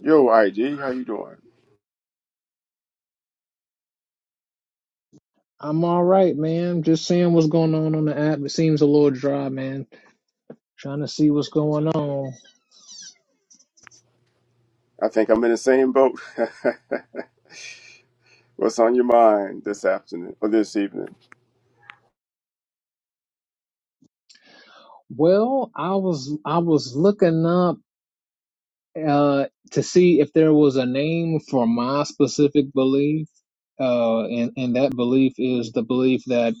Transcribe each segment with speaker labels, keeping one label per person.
Speaker 1: Yo, IG, how you doing?
Speaker 2: I'm all right, man. Just seeing what's going on on the app. It seems a little dry, man. Trying to see what's going on.
Speaker 1: I think I'm in the same boat. What's on your mind this afternoon or this evening?
Speaker 2: Well, I was I was looking up uh to see if there was a name for my specific belief. Uh, and and that belief is the belief that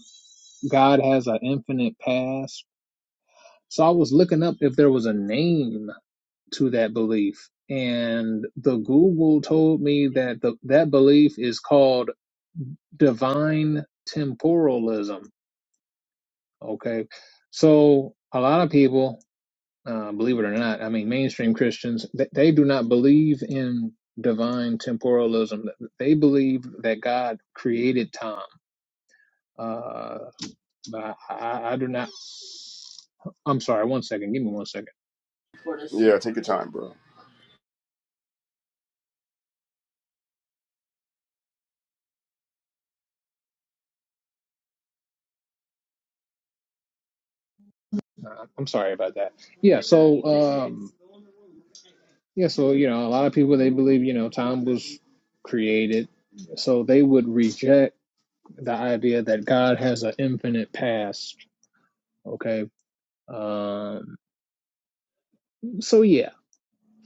Speaker 2: God has an infinite past. So I was looking up if there was a name to that belief, and the Google told me that the that belief is called divine temporalism. Okay, so a lot of people, uh, believe it or not, I mean, mainstream Christians, they, they do not believe in divine temporalism. They believe that God created time. Uh, but I, I, I do not. I'm sorry. One second. Give me one second.
Speaker 1: Yeah, take your time, bro.
Speaker 2: Uh, I'm sorry about that. Yeah. So, um, yeah. So you know, a lot of people they believe you know time was created, so they would reject. the idea that God has an infinite past. Okay. Um, so yeah,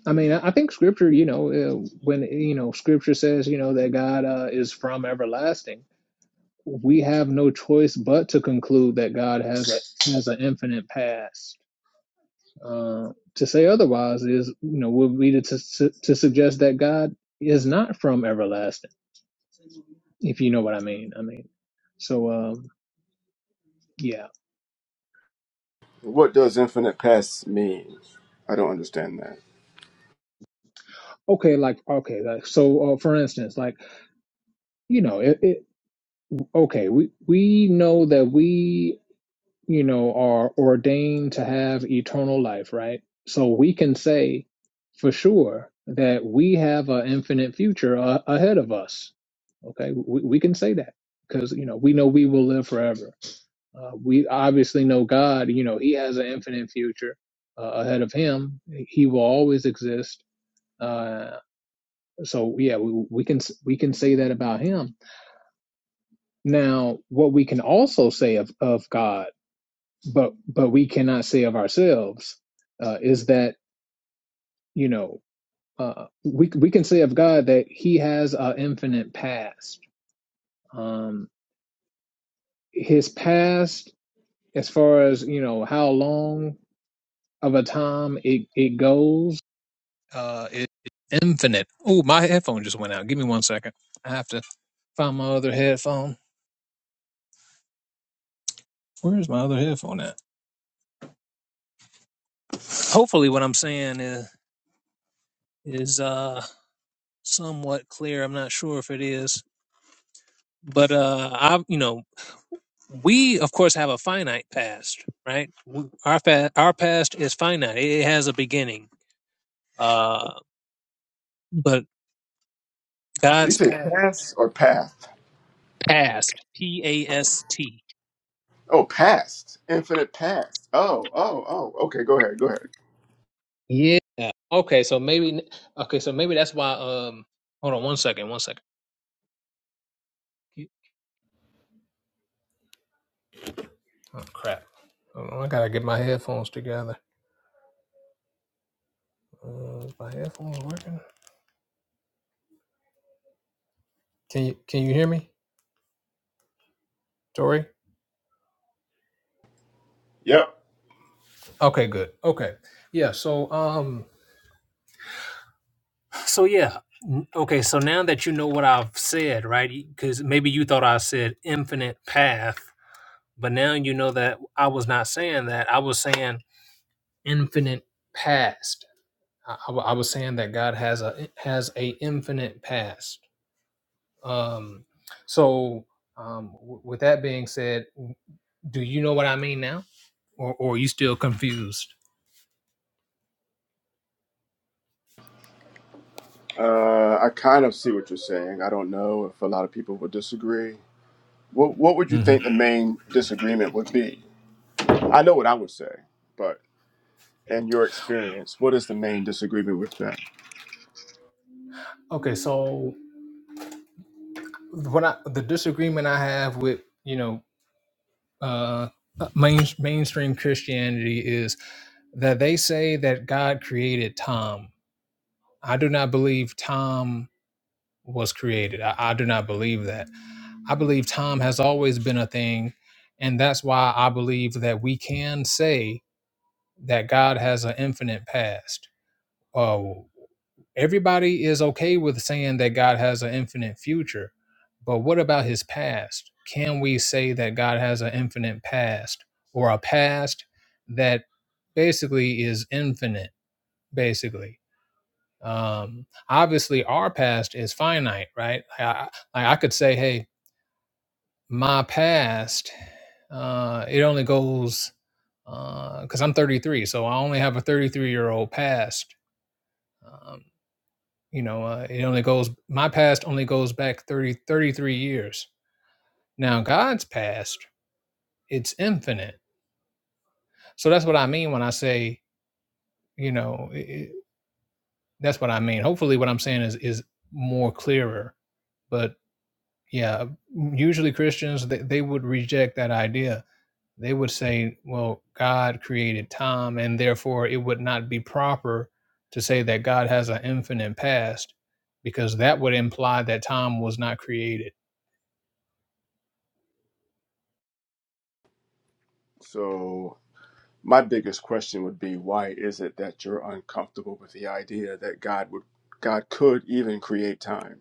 Speaker 2: I mean, I think Scripture, you know, uh, when you know Scripture says, you know, that God uh, is from everlasting, we have no choice but to conclude that God has a has an infinite past. Uh, to say otherwise is, you know, would be to, to to suggest that God is not from everlasting, if you know what I mean. I mean, so um, yeah,
Speaker 1: What does infinite past mean? I don't understand that.
Speaker 2: okay, like okay, like so, uh, for instance, like. you know it, it okay we we know that we you know are ordained to have eternal life right so we can say for sure that we have an infinite future uh, ahead of us okay we, we can say that because you know we know we will live forever uh, we obviously know god you know he has an infinite future uh, ahead of him he will always exist uh, so yeah we, we can we can say that about him Now, what we can also say of, of God, but but we cannot say of ourselves, uh, is that you know uh, we we can say of God that He has an infinite past. Um, his past, as far as you know, how long of a time it it goes, uh, it, it's infinite. Oh, my headphone just went out. Give me one second. I have to find my other headphone. Where's my other headphone at? Hopefully, what I'm saying is is uh somewhat clear. I'm not sure if it is, but uh, I, you know, we of course have a finite past, right? W- Our fa- our past is finite; it has a beginning. Uh, but
Speaker 1: you
Speaker 2: God's
Speaker 1: say
Speaker 2: pa-
Speaker 1: past or path?
Speaker 2: past, P A S T.
Speaker 1: Oh, past. Infinite past. Oh, oh, oh. Okay, go ahead. Go ahead.
Speaker 2: Yeah. Okay, so maybe okay, so maybe that's why. Um, hold on one second, one second. Oh crap! Hold on, I gotta get my headphones together. Uh, is my headphones working? Can you can you hear me, Tori?
Speaker 1: Yep.
Speaker 2: Okay, good. Okay, yeah. So um. So yeah, n- okay. So now that you know what I've said, right? Because maybe you thought I said infinite path, but now you know that I was not saying that. I was saying infinite past. I, I wa- I was saying that God has a has a infinite past. Um, so um, w- with that being said, do you know what I mean now, or, or are you still confused?
Speaker 1: Uh, I kind of see what you're saying. I don't know if a lot of people would disagree. What What would you
Speaker 2: hmm
Speaker 1: think the main disagreement would be? I know what I would say, but and your experience, what is the main disagreement with that?
Speaker 2: Okay, so what I, the disagreement I have with you know uh, uh, main, mainstream Christianity is that they say that God created Tom. I do not believe Tom was created. I, I do not believe that. I believe Tom has always been a thing. And that's why I believe that we can say that God has an infinite past. Oh. Everybody is okay with saying that God has an infinite future, but what about his past? Can we say that God has an infinite past or a past that basically is infinite, basically? Um, obviously, our past is finite, right? I, I, like, I could say, hey, my past, uh, it only goes because I'm 33, so I only have a 33 year old past. Um, you know uh, it only goes my past only goes back 30, 33 years now god's past it's infinite so that's what i mean when i say you know i that's what i mean hopefully what i'm saying is is more clearer but yeah usually christians they, they would reject that idea they would say well god created time and therefore it would not be proper to say that god has an infinite past because that would imply that time was not created
Speaker 1: So, my biggest question would be why is it that you're uncomfortable with the idea that God would God could even create time?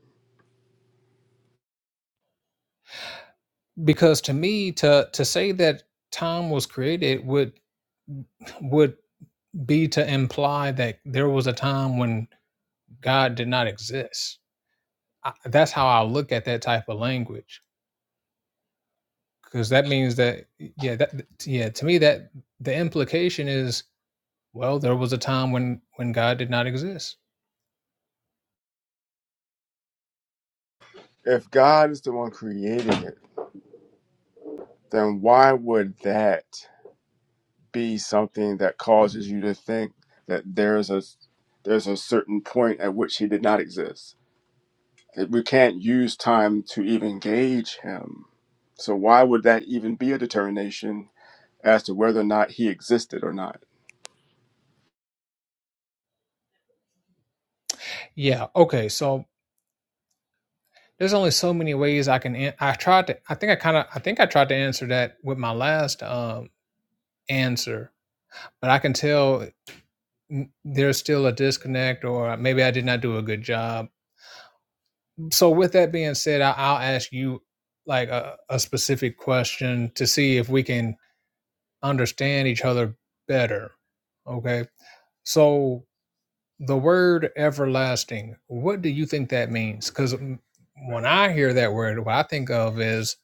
Speaker 2: because to me to to say that time was created would would be to imply that there was a time when god did not exist I, that's how i look at that type of language because that means that yeah that yeah to me that the implication is well there was a time when when god did not exist
Speaker 1: If God is the one creating it, then why would that be something that causes you to think that there's a there's a certain point at which he did not exist? That We can't use time to even gauge him. So why would that even be a determination as to whether or not he existed or not?
Speaker 2: yeah okay so there's only so many ways i can an- i tried to i think i kind of i think i tried to answer that with my last um answer but I can tell n- there's still a disconnect or maybe i did not do a good job so with that being said I, i'll ask you like a, a specific question to see if we can understand each other better okay so the word everlasting what do you think that means because when i hear that word what i think of is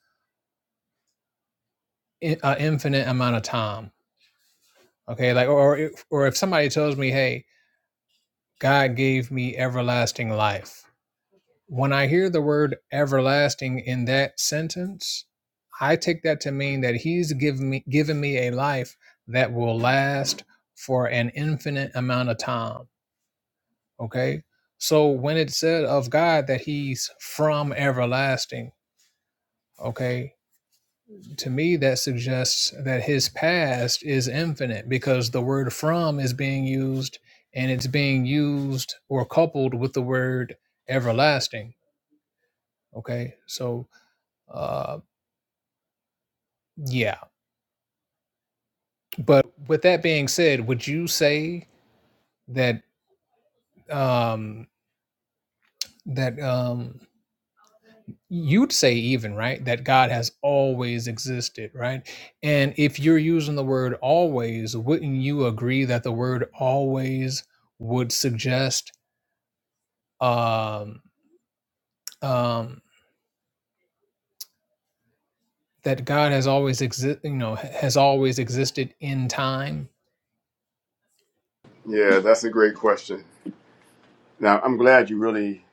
Speaker 2: an infinite amount of time okay like or or if, or if somebody tells me hey god gave me everlasting life When I hear the word everlasting in that sentence, I take that to mean that he's given me given me a life that will last for an infinite amount of time. Okay. So when it said of God that he's from everlasting, okay, to me that suggests that his past is infinite because the word from is being used and it's being used or coupled with the word everlasting. Okay. So uh, Yeah. But with that being said, would you say that um that um you'd say even, right, that God has always existed, right? And if you're using the word always, wouldn't you agree that the word always would suggest um um that God has always exist, you know, ha- has always existed in time?
Speaker 1: Yeah, that's a great question. Now, I'm glad you really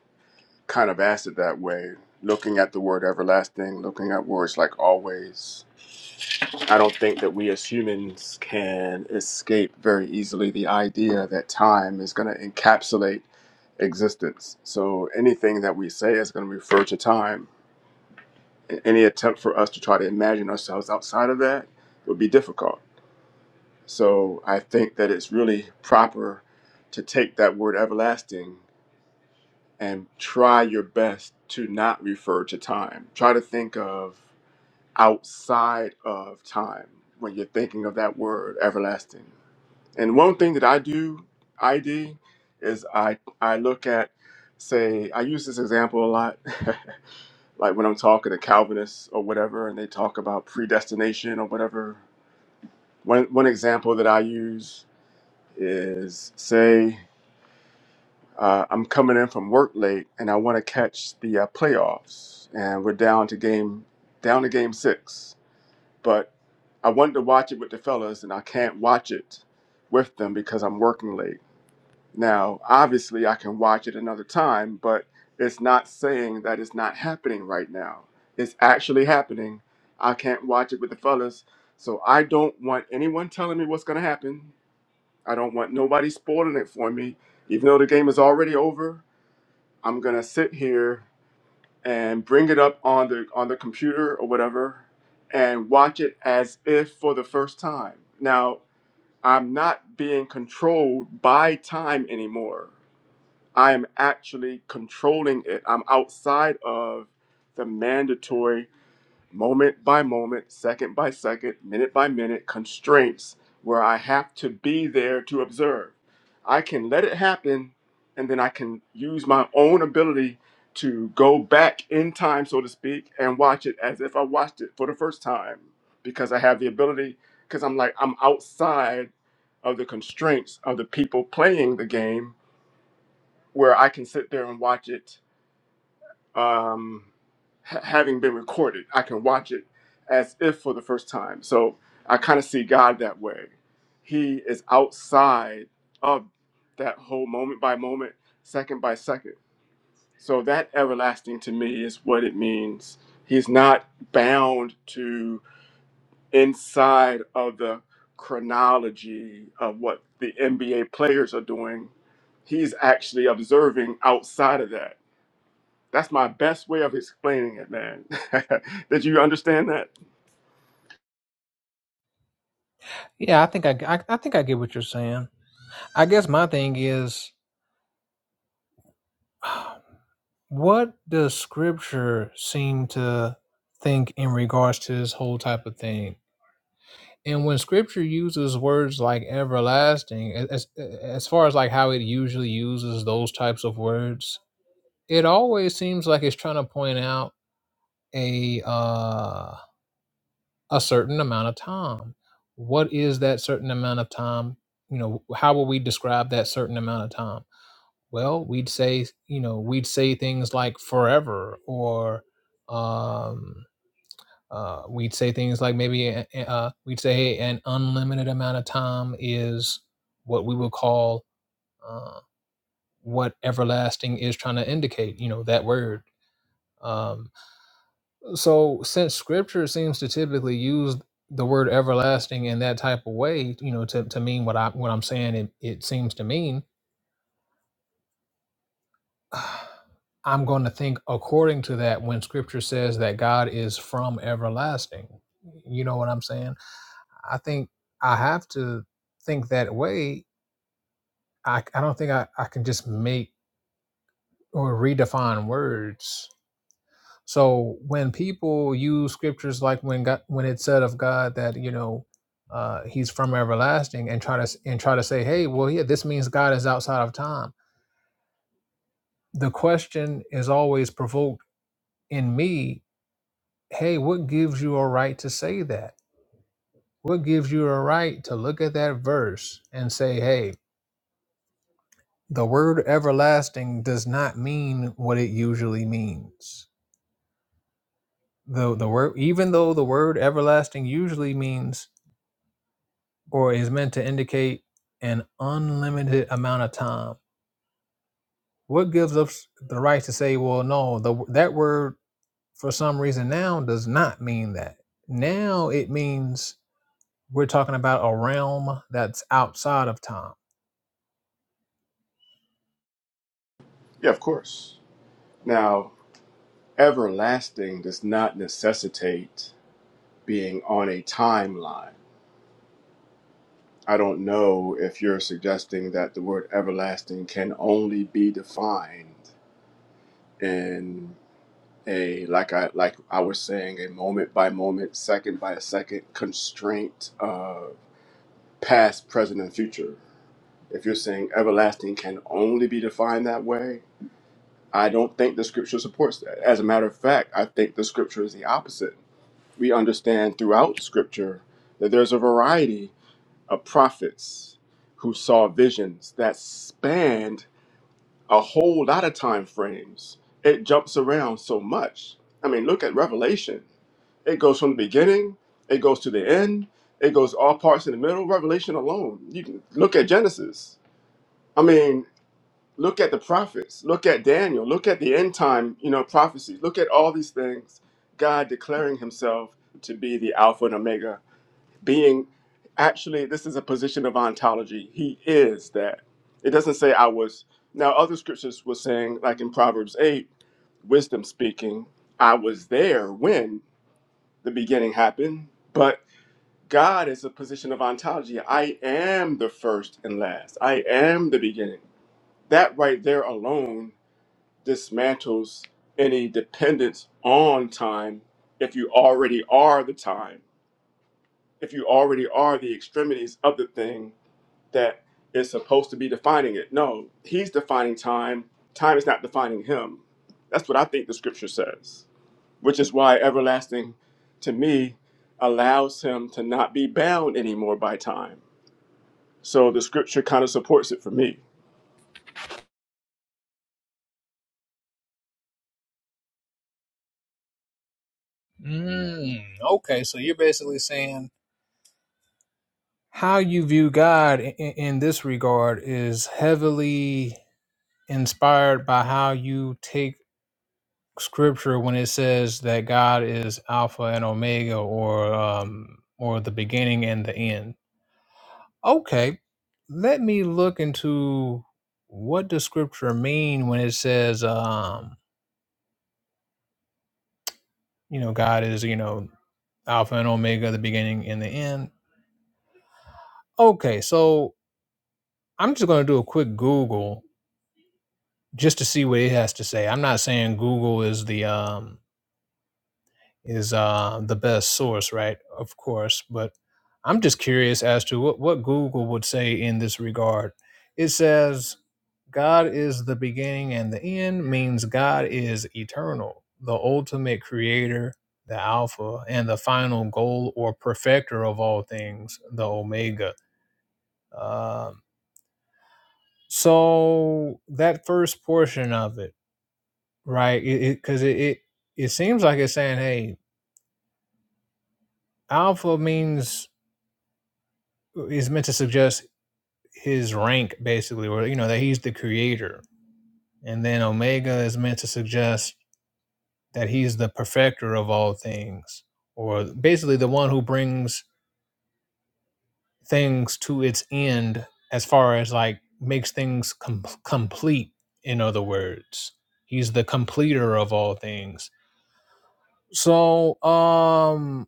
Speaker 1: kind of asked it that way, looking at the word everlasting, looking at words like always. I don't think that we as humans can escape very easily the idea that time is going to encapsulate existence. So anything that we say is going to refer to time. Any attempt for us to try to imagine ourselves outside of that would be difficult. So I think that it's really proper to take that word everlasting and try your best to not refer to time. Try to think of outside of time when you're thinking of that word everlasting. And one thing that I do, ID, is I I look at say I use this example a lot like when I'm talking to Calvinists or whatever and they talk about predestination or whatever one one example that I use is say uh, I'm coming in from work late and I want to catch the uh, playoffs, and we're down to game down to game six, but I wanted to watch it with the fellas and I can't watch it with them because I'm working late. Now, obviously, I can watch it another time, but it's not saying that it's not happening right now. It's actually happening. I can't watch it with the fellas, so I don't want anyone telling me what's going to happen I don't want nobody spoiling it for me. Even though the game is already over, I'm gonna sit here and bring it up on the on the computer or whatever and watch it as if for the first time. Now, I'm not being controlled by time anymore. I am actually controlling it. I'm outside of the mandatory moment by moment, second by second, minute by minute constraints where I have to be there to observe. I can let it happen and then I can use my own ability to go back in time, so to speak, and watch it as if I watched it for the first time because I have the ability, because I'm like, I'm outside of the constraints of the people playing the game where I can sit there and watch it um, ha- having been recorded. I can watch it as if for the first time. So I kind of see God that way. He is outside of that whole moment by moment, second by second. So that everlasting to me is what it means. He's not bound to inside of the chronology of what the NBA players are doing. He's actually observing outside of that that's my best way of explaining it, man. Did you understand that?
Speaker 2: Yeah, I think I, g- I- I think I get what you're saying. I guess my thing is, what does Scripture seem to think in regards to this whole type of thing? And when Scripture uses words like everlasting, as as far as like how it usually uses those types of words, it always seems like it's trying to point out a uh, a certain amount of time. What is that certain amount of time? You know, how will we describe that certain amount of time? well we'd say you know we'd say things like forever or um uh, we'd say things like maybe uh, uh, we'd say hey, an unlimited amount of time is what we would call uh, what everlasting is trying to indicate you know that word um, so since scripture seems to typically use the word everlasting in that type of way you know to, to mean what i what i'm saying it, it seems to mean I'm going to think according to that when scripture says that God is from everlasting. You know what I'm saying? I think I have to think that way. I, I don't think I, I can just make or redefine words. So when people use scriptures like when God, when it said of God that you know uh, he's from everlasting and try to s- and try to say hey well yeah this means God is outside of time the question is always provoked in me hey, what gives you a right to say that? What gives you a right to look at that verse and say, hey, the word everlasting does not mean what it usually means. The, the word, even though the word everlasting usually means or is meant to indicate an unlimited amount of time, what gives us the right to say, well, no, the, that word for some reason now does not mean that. Now it means We're talking about a realm that's outside of time.
Speaker 1: Yeah, of course. Now, everlasting does not necessitate being on a timeline. I don't know if you're suggesting that the word everlasting can only be defined in a like I like I was saying a moment by moment, second by second constraint of past, present, and future. If you're saying everlasting can only be defined that way, I don't think the scripture supports that. As a matter of fact, I think the scripture is the opposite. We understand throughout scripture that there's a variety of prophets who saw visions that spanned a whole lot of time frames. It jumps around so much. I mean, look at Revelation. It goes from the beginning, it goes to the end, it goes all parts in the middle. Revelation alone. You can look at Genesis. I mean, Look at the prophets. Look at Daniel. Look at the end time, you know, prophecies. Look at all these things. God declaring himself to be the Alpha and Omega, being actually, this is a position of ontology. He is that. It doesn't say I was. Now, other scriptures were saying, like in Proverbs 8, wisdom speaking, I was there when the beginning happened, but God is a position of ontology. I am the first and last. I am the beginning. That right there alone dismantles any dependence on time if you already are the time, if you already are the extremities of the thing that is supposed to be defining it. No, he's defining time. Time is not defining him. That's what I think the scripture says, which is why everlasting to me allows him to not be bound anymore by time. So the scripture kind of supports it for me.
Speaker 2: Mm, okay, so you're basically saying how you view God in, in this regard is heavily inspired by how you take Scripture when it says that God is Alpha and Omega, or um, or the beginning and the end. Okay, let me look into what does scripture mean when it says, um, you know, God is, you know, Alpha and Omega, the beginning and the end. Okay, so I'm just going to do a quick Google just to see what it has to say. I'm not saying Google is the um, is uh, the best source, right? Of course, but I'm just curious as to what, what Google would say in this regard. It says, God is the beginning and the end means God is eternal, the ultimate creator, the Alpha, and the final goal or perfecter of all things, the Omega. Um, so that first portion of it, right? Because it, it, 'cause it, it it seems like it's saying, hey, Alpha means is meant to suggest his rank basically or you know that he's the creator and then omega is meant to suggest that he's the perfecter of all things or basically the one who brings things to its end as far as like makes things com- complete in other words he's the completer of all things so um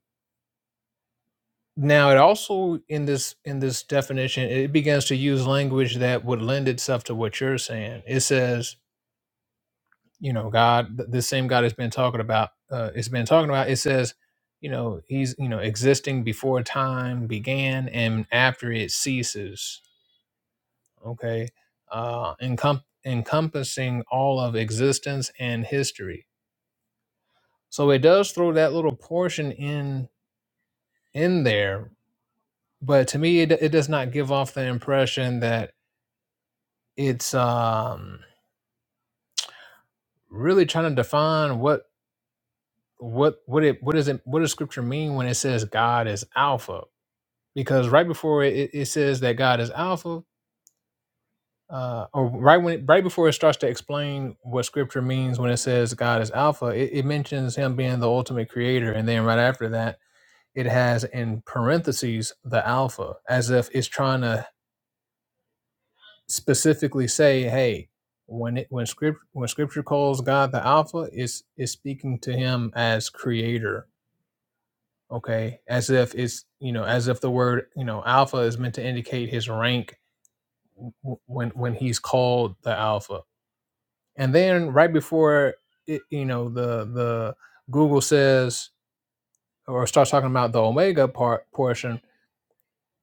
Speaker 2: now it also in this in this definition it begins to use language that would lend itself to what you're saying it says you know god th- this same god has been talking about uh it's been talking about it says you know he's you know existing before time began and after it ceases okay uh encom- encompassing all of existence and history so it does throw that little portion in in there but to me it, it does not give off the impression that it's um really trying to define what what what it what does it what does scripture mean when it says god is alpha because right before it, it says that God is Alpha, uh, or right when it, right before it starts to explain what Scripture means when it says God is Alpha, it, it mentions Him being the ultimate Creator, and then right after that, it has in parentheses the Alpha, as if it's trying to specifically say, hey. When it when script when scripture calls God the Alpha, it's is speaking to him as creator, okay? As if it's you know, as if the word, you know, alpha is meant to indicate his rank when when he's called the alpha and then right before it, you know the the google says or starts talking about the omega part portion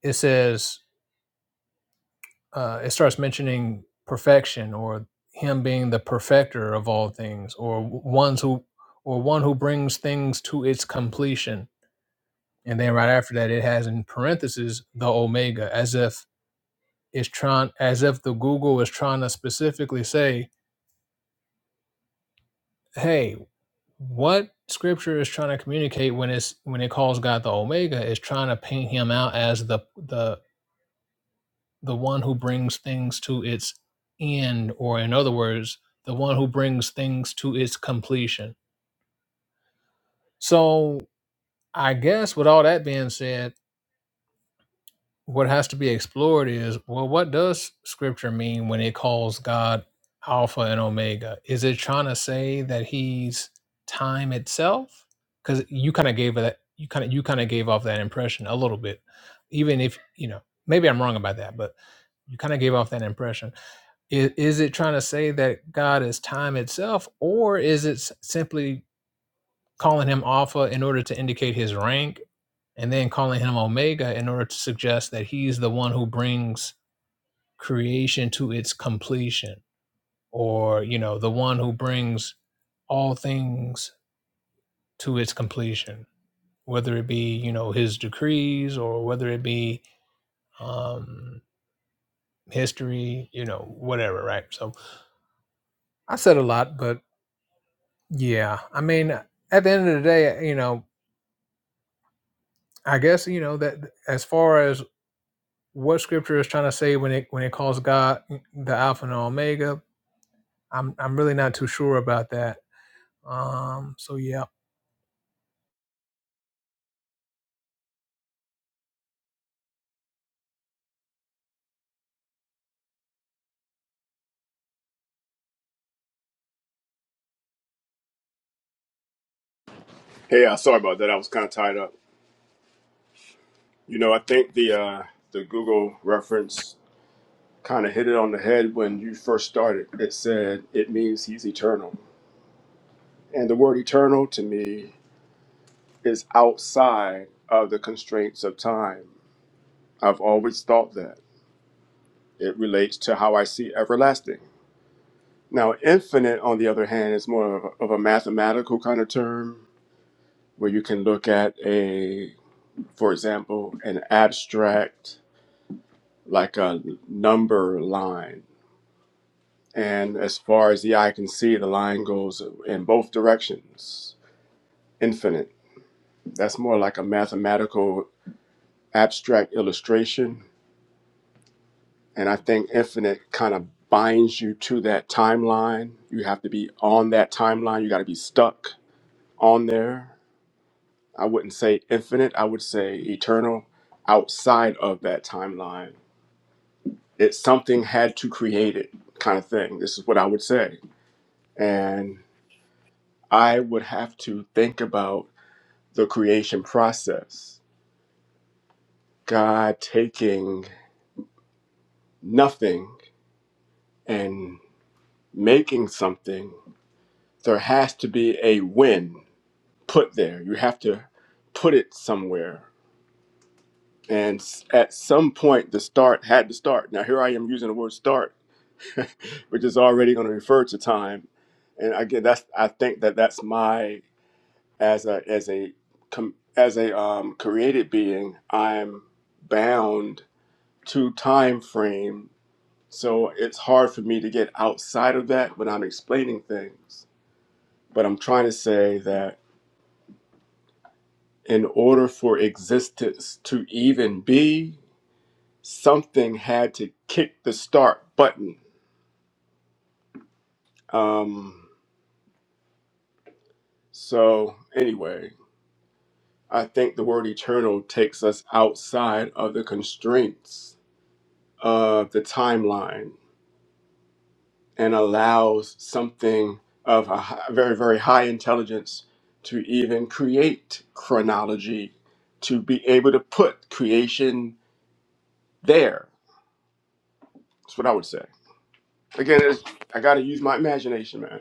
Speaker 2: it says uh, it starts mentioning perfection or him being the perfecter of all things or ones who or one who brings things to its completion and then right after that it has in parentheses the omega as if it's trying as if the google is trying to specifically say hey what scripture is trying to communicate when it's when it calls God the Omega is trying to paint him out as the the the one who brings things to its end or in other words the one who brings things to its completion. So I guess with all that being said what has to be explored is well, what does scripture mean when it calls God Alpha and Omega? Is it trying to say that he's time itself? Because you kind of gave that you kind of you kind of gave off that impression a little bit, even if you know maybe I'm wrong about that, but you kind of gave off that impression. Is, is it trying to say that God is time itself, or is it s- simply calling him Alpha in order to indicate his rank, and then calling him Omega in order to suggest that he's the one who brings creation to its completion, or, you know, the one who brings all things to its completion, whether it be, you know, his decrees or whether it be um, history, you know, whatever, right? So I said a lot, but yeah, I mean, at the end of the day, you know, I guess, you know, that as far as what scripture is trying to say when it when it calls God the Alpha and Omega. I'm I'm really not too sure about that. Um. So yeah.
Speaker 1: Hey, uh, sorry about that. I was kind of tied up. You know, I think the uh, the Google reference kind of hit it on the head when you first started. It said it means he's eternal. And the word eternal to me is outside of the constraints of time. I've always thought that. It relates to how I see everlasting. Now, infinite, on the other hand, is more of a, of a mathematical kind of term where you can look at a, for example, an abstract, like a number line. And as far as the eye can see, the line goes in both directions infinite. That's more like a mathematical abstract illustration. And I think infinite kind of binds you to that timeline. You have to be on that timeline, you got to be stuck on there. I wouldn't say infinite, I would say eternal outside of that timeline. It's something had to create it kind of thing. This is what I would say. And I would have to think about the creation process. God taking nothing and making something, there has to be a win put there. You have to put it somewhere. And s- at some point, the start had to start. Now, here I am using the word start, which is already going to refer to time. And again, that's I think that that's my as a as a com, as a um, created being, I'm bound to time frame. So it's hard for me to get outside of that when I'm explaining things But I'm trying to say that in order for existence to even be, something had to kick the start button. Um, so, anyway, I think the word eternal takes us outside of the constraints of the timeline and allows something of a hi- very, very high intelligence to even create chronology, to be able to put creation there. That's what I would say. Again, it's, I gotta use my imagination, man.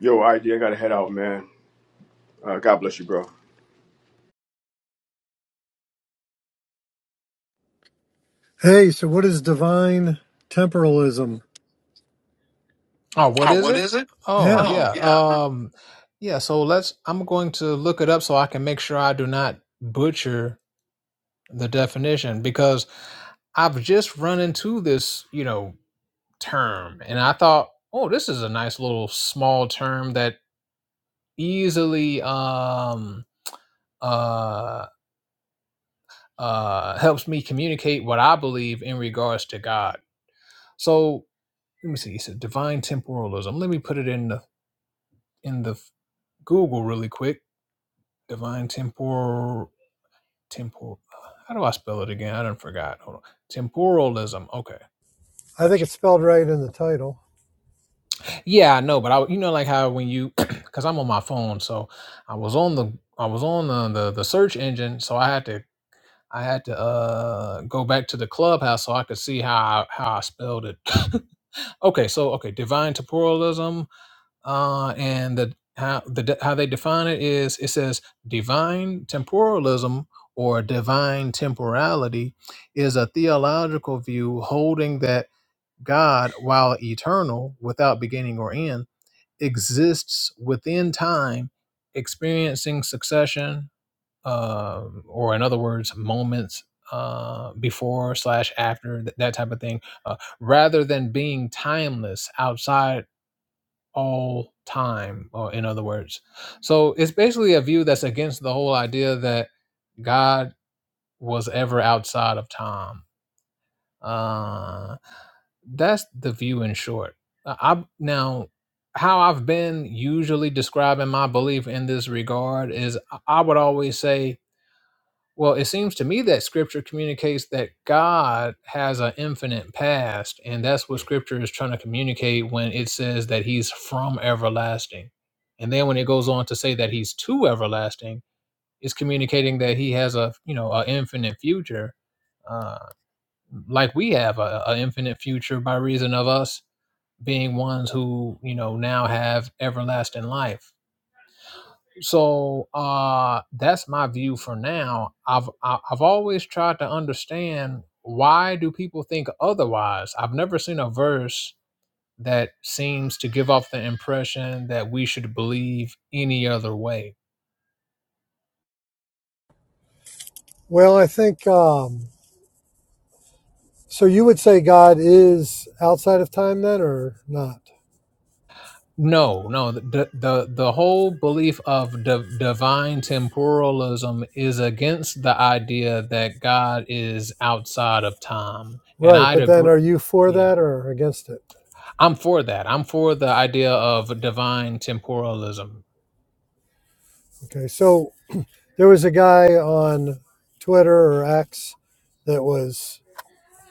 Speaker 1: Yo, ID, I gotta head out, man. Uh, God bless you, bro.
Speaker 3: Hey, so what is divine temporalism?
Speaker 2: Oh, what
Speaker 3: Oh,
Speaker 2: is
Speaker 3: what
Speaker 2: it?
Speaker 3: is it? Yeah,
Speaker 2: Oh
Speaker 3: Oh,
Speaker 2: yeah.
Speaker 3: yeah.
Speaker 2: Um. Yeah. So let's. I'm going to look it up so I can make sure I do not butcher the definition because I've just run into this you know term and I thought, oh, this is a nice little small term that easily um uh. uh, helps me communicate what I believe in regards to God. So let me see. It's a divine temporalism. Let me put it in the in the Google really quick. Divine temporal temporal. How do I spell it again? I done forgot. Hold on. Temporalism. Okay,
Speaker 3: I think
Speaker 2: gotcha.
Speaker 3: it's spelled right in the title.
Speaker 2: Yeah, I know, but I you know like how when you because I'm on my phone, so I was on the I was on the, the the search engine, so I had to I had to uh go back to the clubhouse so I could see how I, how I spelled it. Okay, so okay, divine temporalism, uh, and the how the how they define it is it says divine temporalism or divine temporality is a theological view holding that God, while eternal, without beginning or end, exists within time, experiencing succession um, or in other words, moments uh, before slash after th- that type of thing, uh, rather than being timeless outside all time. Or in other words, so it's basically a view that's against the whole idea that God was ever outside of time. Uh, that's the view in short. Uh, I now how I've been usually describing my belief in this regard is I would always say Well, it seems to me that scripture communicates that God has an infinite past, and that's what scripture is trying to communicate when it says that he's from everlasting. And then when it goes on to say that he's to everlasting, it's communicating that he has a, you know, an infinite future, uh, like we have a, a infinite future by reason of us being ones who, you know, now have everlasting life so uh that's my view for now i've I- i've always tried to understand why do people think otherwise i've never seen a verse that seems to give off the impression that we should believe any other way
Speaker 3: Well, I think um, so. You would say God is outside of time, then, or not?
Speaker 2: no, no. The the the whole belief of div- divine temporalism is against the idea that God is outside of time, and
Speaker 3: Right,
Speaker 2: I'd
Speaker 3: but then
Speaker 2: agree.
Speaker 3: are you for
Speaker 2: Yeah,
Speaker 3: that or against it?
Speaker 2: I'm for that. I'm for the idea of divine temporalism.
Speaker 3: Okay, so there was a guy on Twitter or X that was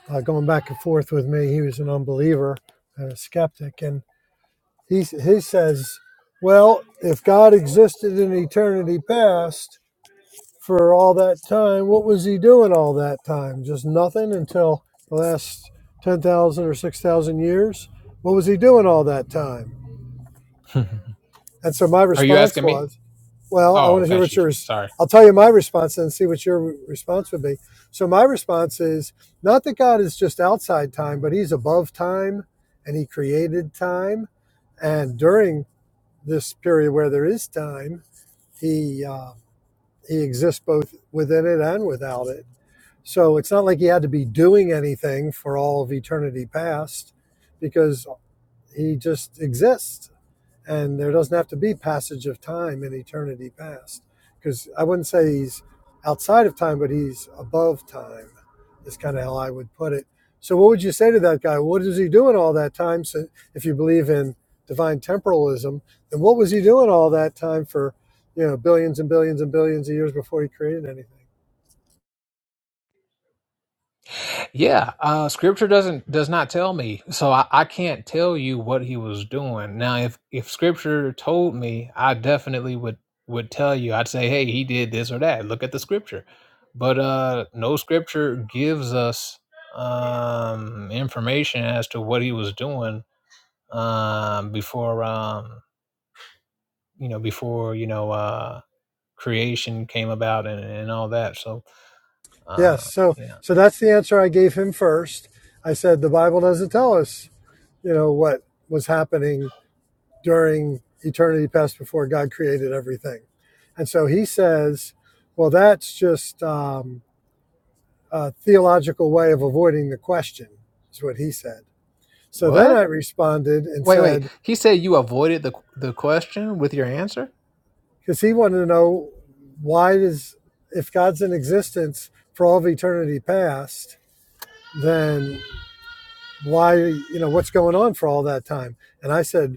Speaker 3: uh, going back and forth with me. He was an unbeliever and a skeptic, He, he says, well, if God existed in eternity past for all that time, what was he doing all that time? Just nothing until the last 10,000 or 6,000 years? What was he doing all that time? And so my
Speaker 2: Are you
Speaker 3: response
Speaker 2: asking me?
Speaker 3: was, well, I
Speaker 2: Oh,
Speaker 3: want to hear
Speaker 2: got
Speaker 3: what
Speaker 2: you.
Speaker 3: yours.
Speaker 2: Sorry.
Speaker 3: I'll tell you my response and see what your response would be. So my response is not that God is just outside time, but he's above time and he created time and during this period where there is time, he uh, he exists both within it and without it. So it's not like he had to be doing anything for all of eternity past, because he just exists and there doesn't have to be passage of time in eternity past because i wouldn't say he's outside of time but he's above time is kind of how i would put it so what would you say to that guy what is he doing all that time so if you believe in divine temporalism then what was he doing all that time for you know billions and billions and billions of years before he created anything
Speaker 2: Yeah, uh, scripture doesn't does not tell me, so I, I can't tell you what he was doing. Now, if if scripture told me, I definitely would would tell you. I'd say, hey, he did this or that. Look at the scripture, but uh, no scripture gives us um, information as to what he was doing um, before um, you know before you know uh, creation came about and, and all that. So
Speaker 3: yes
Speaker 2: uh,
Speaker 3: so
Speaker 2: yeah,
Speaker 3: so that's the answer i gave him first i said the bible doesn't tell us you know what was happening during eternity past before God created everything. And so he says, well, that's just um, a theological way of avoiding the question, is what he said. So then
Speaker 2: what?
Speaker 3: I responded and
Speaker 2: Wait, wait.
Speaker 3: said,
Speaker 2: He said you avoided the the question with your answer?
Speaker 3: because he wanted to know why does, if God's in existence for all of eternity past, then why you know what's going on for all that time and i said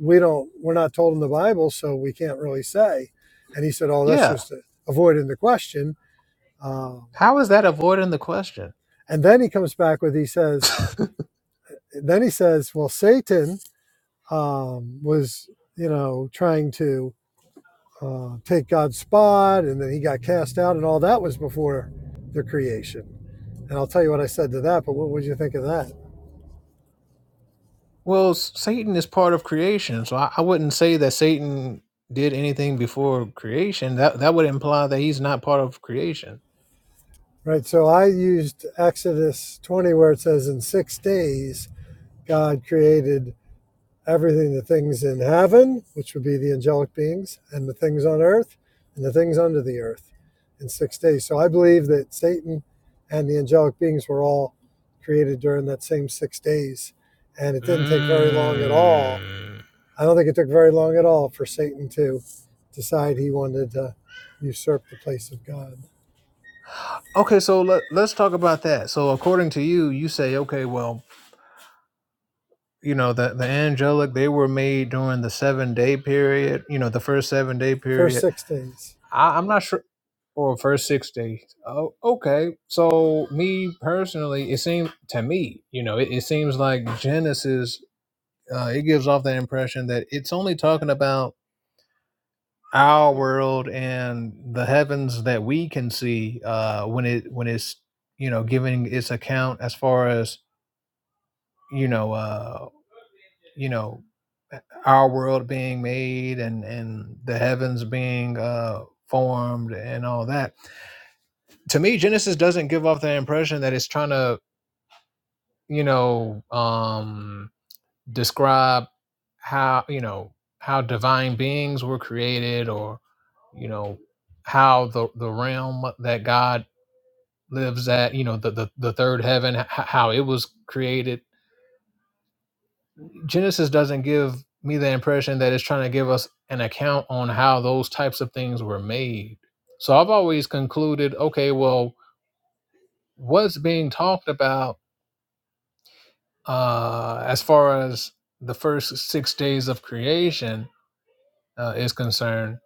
Speaker 3: we don't we're not told in the bible so we can't really say and he said oh that's
Speaker 2: Yeah.
Speaker 3: just avoiding the question um,
Speaker 2: How is that avoiding the question?
Speaker 3: and then he comes back with he says then he says well satan um, was you know trying to uh, take god's spot and then he got cast out and all that was before the creation and i'll tell you what i said to that but what would you think of that
Speaker 2: Well, s- Satan is part of creation, so I, I wouldn't say that Satan did anything before creation. That that would imply that he's not part of creation.
Speaker 3: Right. So I used Exodus 20, where it says, In six days, God created everything the things in heaven, which would be the angelic beings, and the things on earth, and the things under the earth in six days. So I believe that Satan and the angelic beings were all created during that same six days. And it didn't take very long at all.
Speaker 2: Mm.
Speaker 3: I don't think it took very long at all for Satan to decide he wanted to usurp the place of God.
Speaker 2: Okay, so let, let's talk about that. So according to you, you say, okay, well, you know, the, the angelic, they were made during the seven day period, you know, the first seven day
Speaker 3: First
Speaker 2: period.
Speaker 3: six days.
Speaker 2: I, I'm not sure. or first six days. Oh, okay. So me personally, it seems to me, you know, it, it seems like Genesis. Uh, it gives off that impression that it's only talking about our world and the heavens that we can see uh, when it when it's you know giving its account as far as you know uh, you know our world being made and and the heavens being uh, formed and all that to me genesis doesn't give off the impression that it's trying to you know um describe how you know how divine beings were created or you know how the the realm that god lives at you know the the, the third heaven h- how it was created genesis doesn't give me the impression that it's trying to give us an account on how those types of things were made so i've always concluded okay well what's being talked about Uh, as far as the first six days of creation uh, is concerned,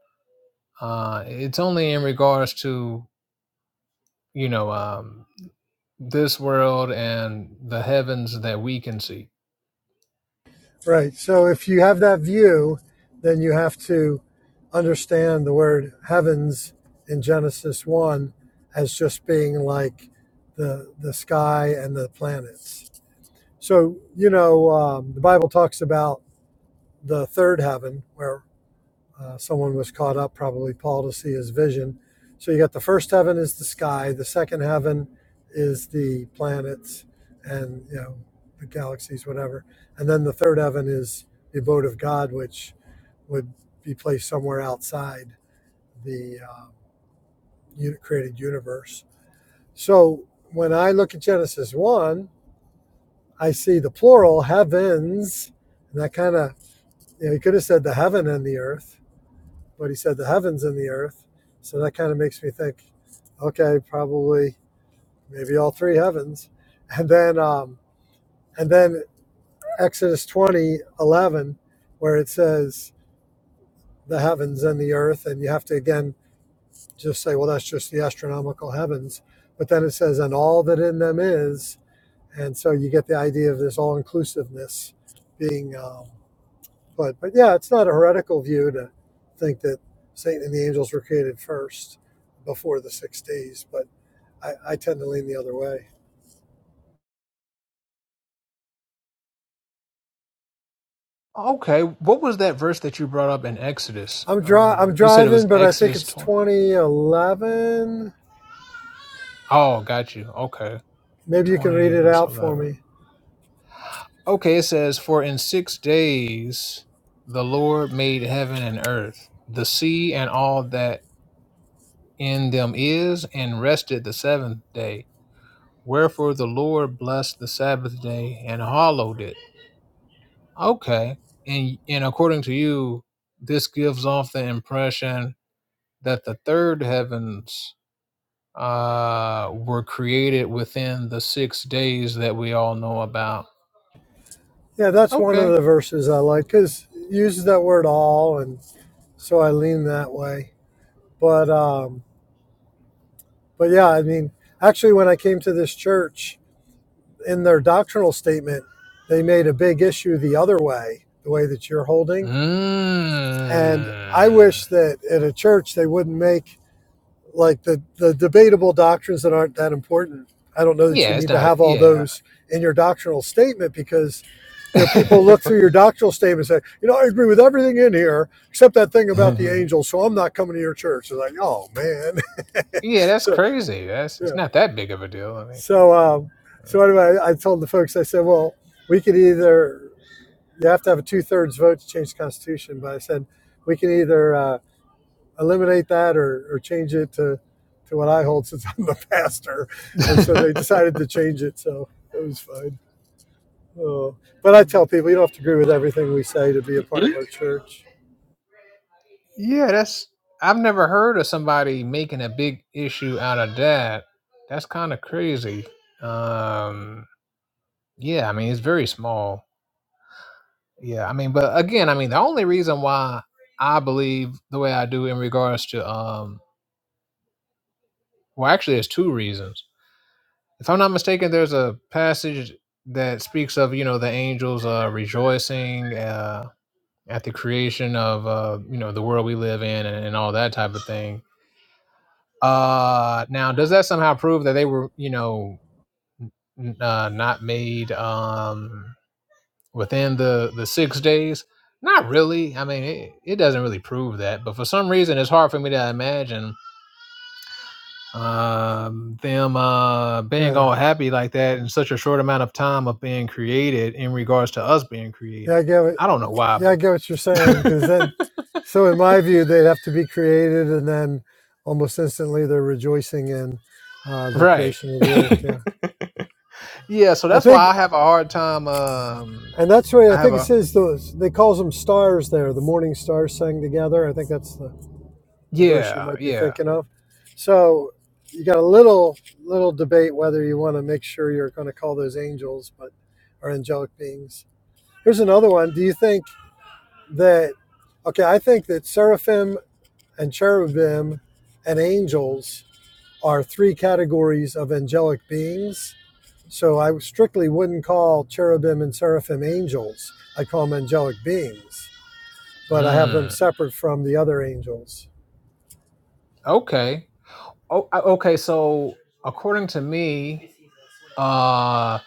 Speaker 2: uh, it's only in regards to you know um, this world and the heavens that we can see.
Speaker 3: Right. So if you have that view, then you have to understand the word heavens in Genesis 1 as just being like the, the sky and the planets. So, you know, um, the Bible talks about the third heaven where uh, someone was caught up, probably Paul, to see his vision. So you got the first heaven is the sky, the second heaven is the planets and you know the galaxies, whatever, and then the third heaven is the abode of God, which would be placed somewhere outside the uh, uni- created universe. So when I look at Genesis one, I see the plural heavens, and that kind of you know he could have said the heaven and the earth but he said the heavens and the earth. So that kind of makes me think, okay, probably maybe all three heavens. And then um, and then Exodus twenty eleven, where it says the heavens and the earth, and you have to again just say, well, that's just the astronomical heavens. But then it says, and all that in them is, and so you get the idea of this all inclusiveness being. Um, But but yeah, it's not a heretical view to think that Satan and the angels were created first before the six days. But I, I tend to lean the other way.
Speaker 2: Okay, what was that verse that you brought up in Exodus?
Speaker 3: I'm dri- I'm
Speaker 2: Um, you said it was
Speaker 3: driving, but I think
Speaker 2: Exodus
Speaker 3: it's
Speaker 2: twenty.
Speaker 3: 2011.
Speaker 2: Oh, got you. Okay,
Speaker 3: Maybe you can read
Speaker 2: twenty
Speaker 3: it
Speaker 2: verse
Speaker 3: out for
Speaker 2: eleven.
Speaker 3: me.
Speaker 2: Okay, it says, "For in six days the Lord made heaven and earth, the sea and all that." in them is, and rested the seventh day. Wherefore the Lord blessed the Sabbath day and hallowed it. Okay. And and according to you, this gives off the impression that the third heavens uh were created within the six days that we all know about.
Speaker 3: Yeah, that's one of
Speaker 2: Okay.
Speaker 3: the verses I like because it uses that word all, and so I lean that way. But um, but yeah, I mean, actually, when I came to this church, in their doctrinal statement, they made a big issue the other way, the way that you're holding And I
Speaker 2: Mm.
Speaker 3: wish that at a church they wouldn't make like the, the debatable doctrines that aren't that important. I don't know that you
Speaker 2: Yeah, it's
Speaker 3: need to
Speaker 2: not
Speaker 3: have all
Speaker 2: yeah.
Speaker 3: those in your doctrinal statement because you know people look through your doctrinal statement and say, you know, I agree with everything in here except that thing about the
Speaker 2: yeah,
Speaker 3: angels, so I'm not coming to your church. They're like, oh man.
Speaker 2: that's
Speaker 3: so
Speaker 2: crazy. That's it's
Speaker 3: yeah.
Speaker 2: not that big of a deal. I
Speaker 3: So um so anyway, I told the folks, I said, well, we could either you have to have a two thirds vote to change the constitution, but I said we can either uh eliminate that or, or change it to, to what I hold since I'm the pastor. And
Speaker 2: mean
Speaker 3: so they decided to change it. So it was fine. Oh. But I tell people you don't have to agree with everything we say to be a part
Speaker 4: Hmm?
Speaker 3: of our church.
Speaker 2: Yeah, that's I've never heard of somebody making a big issue out of that. That's kind of crazy. Um yeah, I mean it's very small. Yeah, I mean but again, I mean the only reason why I believe the way I do in regards to um well actually there's two reasons. If I'm not mistaken, there's a passage that speaks of, you know, the angels uh rejoicing uh at the creation of uh you know the world we live in and, and all that type of thing Uh, now, does that somehow prove that they were, you know, uh, not made um, within the the six days? Not really. I mean, it, it doesn't really prove that. But for some reason, it's hard for me to imagine um, them uh, being
Speaker 3: Yeah.
Speaker 2: all happy like that in such a short amount of time of being created in regards to us being
Speaker 3: Yeah,
Speaker 2: created.
Speaker 3: I get what,
Speaker 2: I don't know why,
Speaker 3: yeah,
Speaker 2: but
Speaker 3: I get what you're saying. Because then, so in my view, they'd have to be created and then almost instantly they're rejoicing in uh, the
Speaker 2: right,
Speaker 3: creation of the earth. Yeah.
Speaker 2: yeah. So
Speaker 3: I
Speaker 2: that's
Speaker 3: think,
Speaker 2: why I have a hard time. Um,
Speaker 3: and that's where
Speaker 2: I
Speaker 3: I
Speaker 2: have
Speaker 3: think it
Speaker 2: a
Speaker 3: says those, they calls them stars there. The morning stars sang together. I think that's the the verse you
Speaker 2: yeah,
Speaker 3: might be
Speaker 2: yeah.
Speaker 3: thinking of. So you got a little little debate whether you want to make sure you're going to call those angels, but are angelic beings. Here's another one. Do you think that? Okay, I think that seraphim and cherubim and angels are three categories of angelic beings. So I strictly wouldn't call cherubim and seraphim angels. I call them angelic beings, but I have them
Speaker 2: Mm,
Speaker 3: separate from the other angels.
Speaker 2: okay. Oh, okay. So according to me, uh,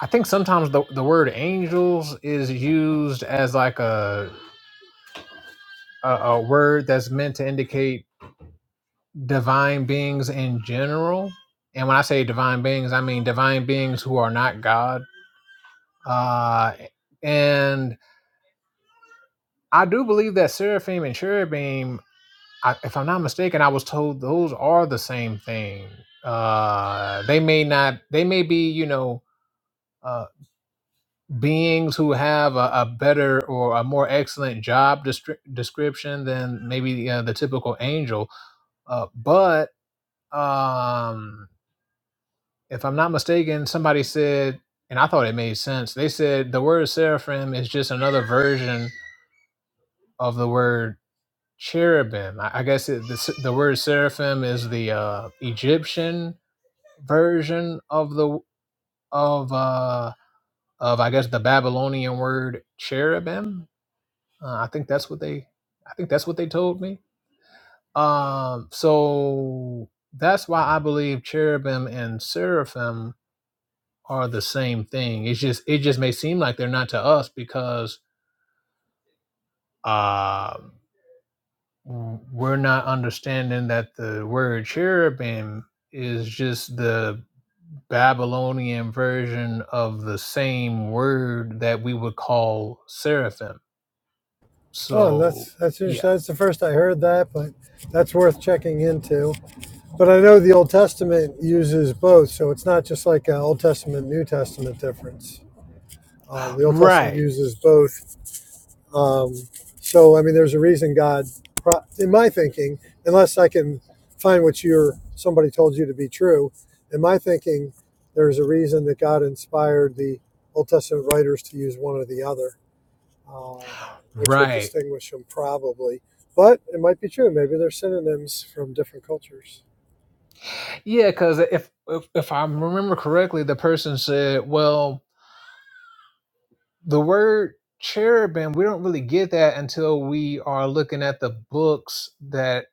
Speaker 2: I think sometimes the, the word angels is used as like a, a a word that's meant to indicate divine beings in general. And when I say divine beings, I mean divine beings who are not God. Uh, and I do believe that seraphim and cherubim, I, if I'm not mistaken, I was told those are the same thing. Uh, they may not. They may be, you know. uh, beings who have a, a better or a more excellent job destri- description than maybe uh, the typical angel. Uh, but um, if I'm not mistaken, somebody said, and I thought it made sense, they said the word seraphim is just another version of the word cherubim. I, I guess it, the, s- the word seraphim is the uh, Egyptian version of the of uh, of I guess the Babylonian word cherubim Uh, I think that's what they I think that's what they told me. Um, so that's why I believe cherubim and seraphim are the same thing. It's just it just may seem like they're not to us because uh, we're not understanding that the word cherubim is just the Babylonian version of the same word that we would call seraphim.
Speaker 3: Oh,
Speaker 2: So
Speaker 3: that's that's
Speaker 2: yeah,
Speaker 3: interesting. That's the first I heard that, but that's worth checking into. But I know the Old Testament uses both, so it's not just like an Old Testament New Testament difference. Uh, the Old Testament
Speaker 2: right,
Speaker 3: uses both. Um, so I mean, there's a reason God, pro- in my thinking, unless I can find what you're somebody told you to be true, in my thinking, there's a reason that God inspired the Old Testament writers to use one or the other um, which would
Speaker 2: right.
Speaker 3: distinguish them probably. But it might be true. Maybe they're synonyms from different cultures.
Speaker 2: Yeah, because if, if if I remember correctly, the person said, "Well, the word cherubim, we don't really get that until we are looking at the books that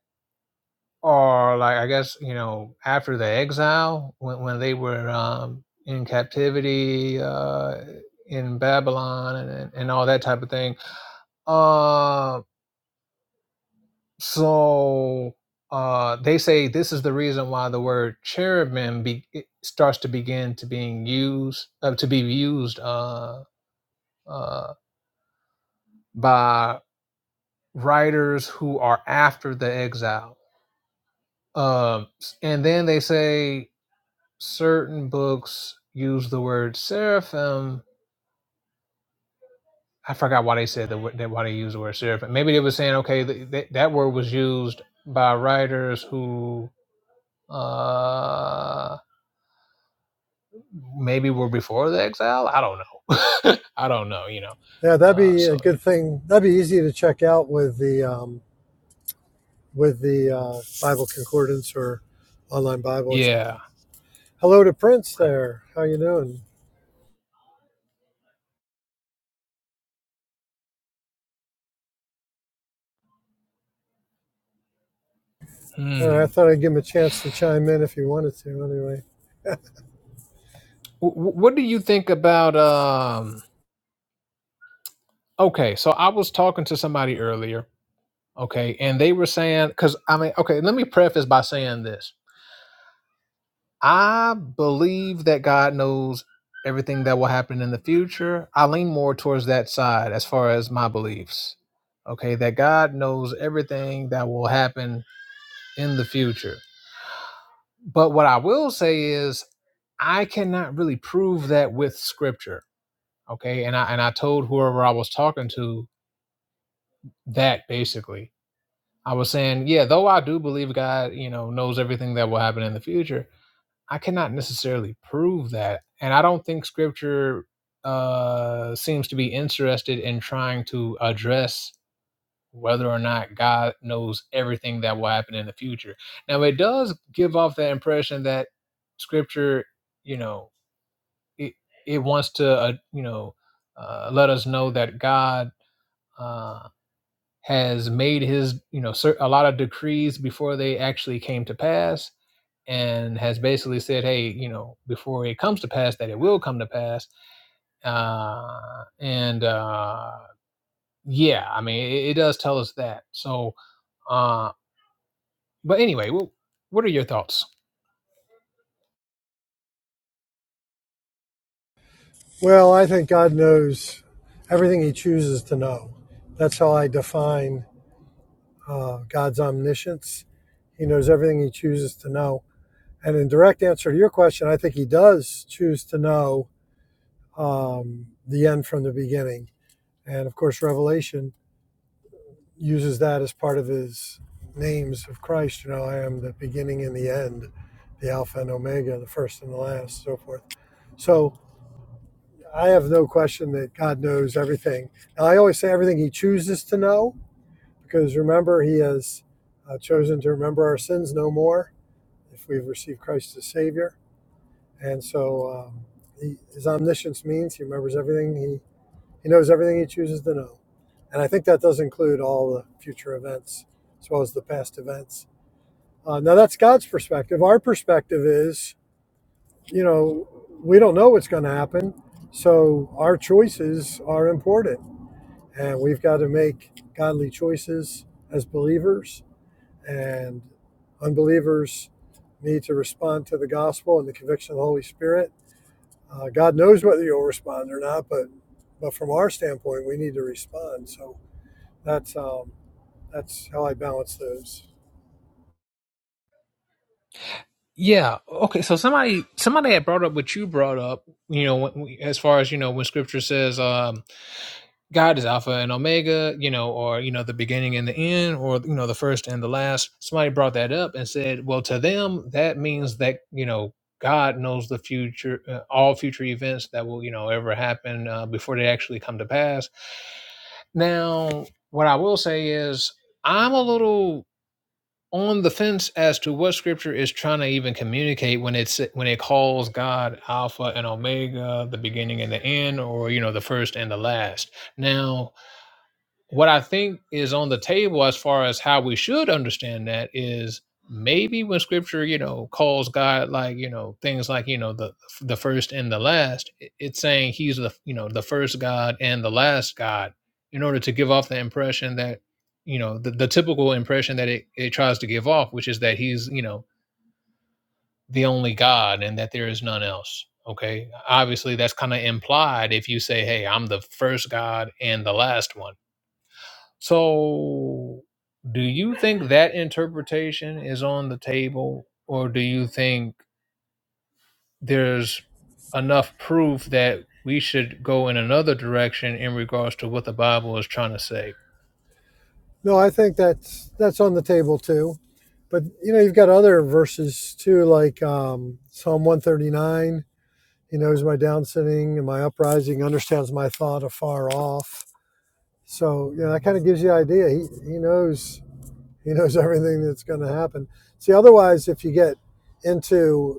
Speaker 2: are like, I guess you know, after the exile when when they were um, in captivity uh, in Babylon and and all that type of thing." Um, So uh, they say this is the reason why the word cherubim be, it starts to begin to being used uh, to be used uh, uh, by writers who are after the exile. Um, and then they say certain books use the word seraphim. I forgot why they said the, that why they used the word seraphim. Maybe they were saying okay, th- th- that word was used by writers who. Uh, maybe were before the exile. I don't know. I don't know. You know.
Speaker 3: Yeah, that'd
Speaker 2: Uh,
Speaker 3: be a
Speaker 2: so yeah,
Speaker 3: good thing. That'd be easy to check out with the um, with the uh, Bible concordance or online Bible or
Speaker 2: yeah.
Speaker 3: something. Hello to Prince
Speaker 2: Right.
Speaker 3: there. How you doing? All right,
Speaker 2: Hmm.
Speaker 3: I thought I'd give him a chance to chime in if he wanted to. Anyway,
Speaker 2: Wh- what do you think about? Um. Okay, so I was talking to somebody earlier. Okay, and they were saying because I mean, okay, let me preface by saying this. I believe that God knows everything that will happen in the future. I lean more towards that side as far as my beliefs. Okay, that God knows everything that will happen in the future But what I will say is, I cannot really prove that with scripture. Okay. And I, and I told whoever I was talking to that basically. I was saying, yeah, though I do believe God, you know, knows everything that will happen in the future, I cannot necessarily prove that. And I don't think scripture uh, seems to be interested in trying to address whether or not God knows everything that will happen in the future. Now, it does give off that impression that scripture, you know, it, it wants to uh, you know uh, let us know that God uh, has made His you know cer- a lot of decrees before they actually came to pass, and has basically said, hey, you know, before it comes to pass, that it will come to pass. Uh, and uh, yeah, I mean, it, it does tell us that. So uh, But anyway, well, what are your thoughts?
Speaker 3: well, I think God knows everything He chooses to know. That's how I define uh, God's omniscience. He knows everything He chooses to know And in direct answer to your question, I think he does choose to know um, the end from the beginning. And of course, Revelation uses that as part of his names of Christ. You know, I am the beginning and the end, the Alpha and Omega, the first and the last, so forth. So I have no question that God knows everything. Now, I always say everything he chooses to know, because remember, he has uh, chosen to remember our sins no more if we've received Christ as Savior. And so um, he, his omniscience means he remembers everything. He, he knows everything he chooses to know. And I think that does include all the future events as well as the past events. Uh, now, that's God's perspective. Our perspective is, you know, we don't know what's going to happen. So our choices are important. And we've got to make godly choices as believers. And unbelievers need to respond to the gospel and the conviction of the Holy Spirit uh, God knows whether you'll respond or not, but but from our standpoint, we need to respond. So that's um, that's how I balance those.
Speaker 2: Yeah. Okay. So somebody somebody had brought up what you brought up. You know, when, as far as you know, when Scripture says, um, God is Alpha and Omega, you know, or, you know, the beginning and the end, or, you know, the first and the last. Somebody brought that up and said, well, to them, that means that, you know, God knows the future, uh, all future events that will, you know, ever happen uh, before they actually come to pass. Now, what I will say is, I'm a little on the fence as to what scripture is trying to even communicate when it's when it calls God alpha and omega the beginning and the end or you know the first and the last now what I think is on the table as far as how we should understand that is maybe when scripture, you know, calls God like, you know, things like, you know, the the first and the last, it- it's saying he's the, you know, the first God and the last God in order to give off the impression that, you know, the, the typical impression that it, it tries to give off, which is that he's, you know, the only God and that there is none else. Okay. Obviously that's kind of implied if you say, Hey, I'm the first God and the last one so, do you think that interpretation is on the table, or do you think there's enough proof that we should go in another direction in regards to what the Bible is trying to say?
Speaker 3: No, I think that's that's on the table too. But you know, you've got other verses too, like um, Psalm one thirty nine. He knows my down sitting and my uprising, understands my thought afar off. So you know, that kind of gives you an idea. He he knows he knows everything that's going to happen. See, otherwise, if you get into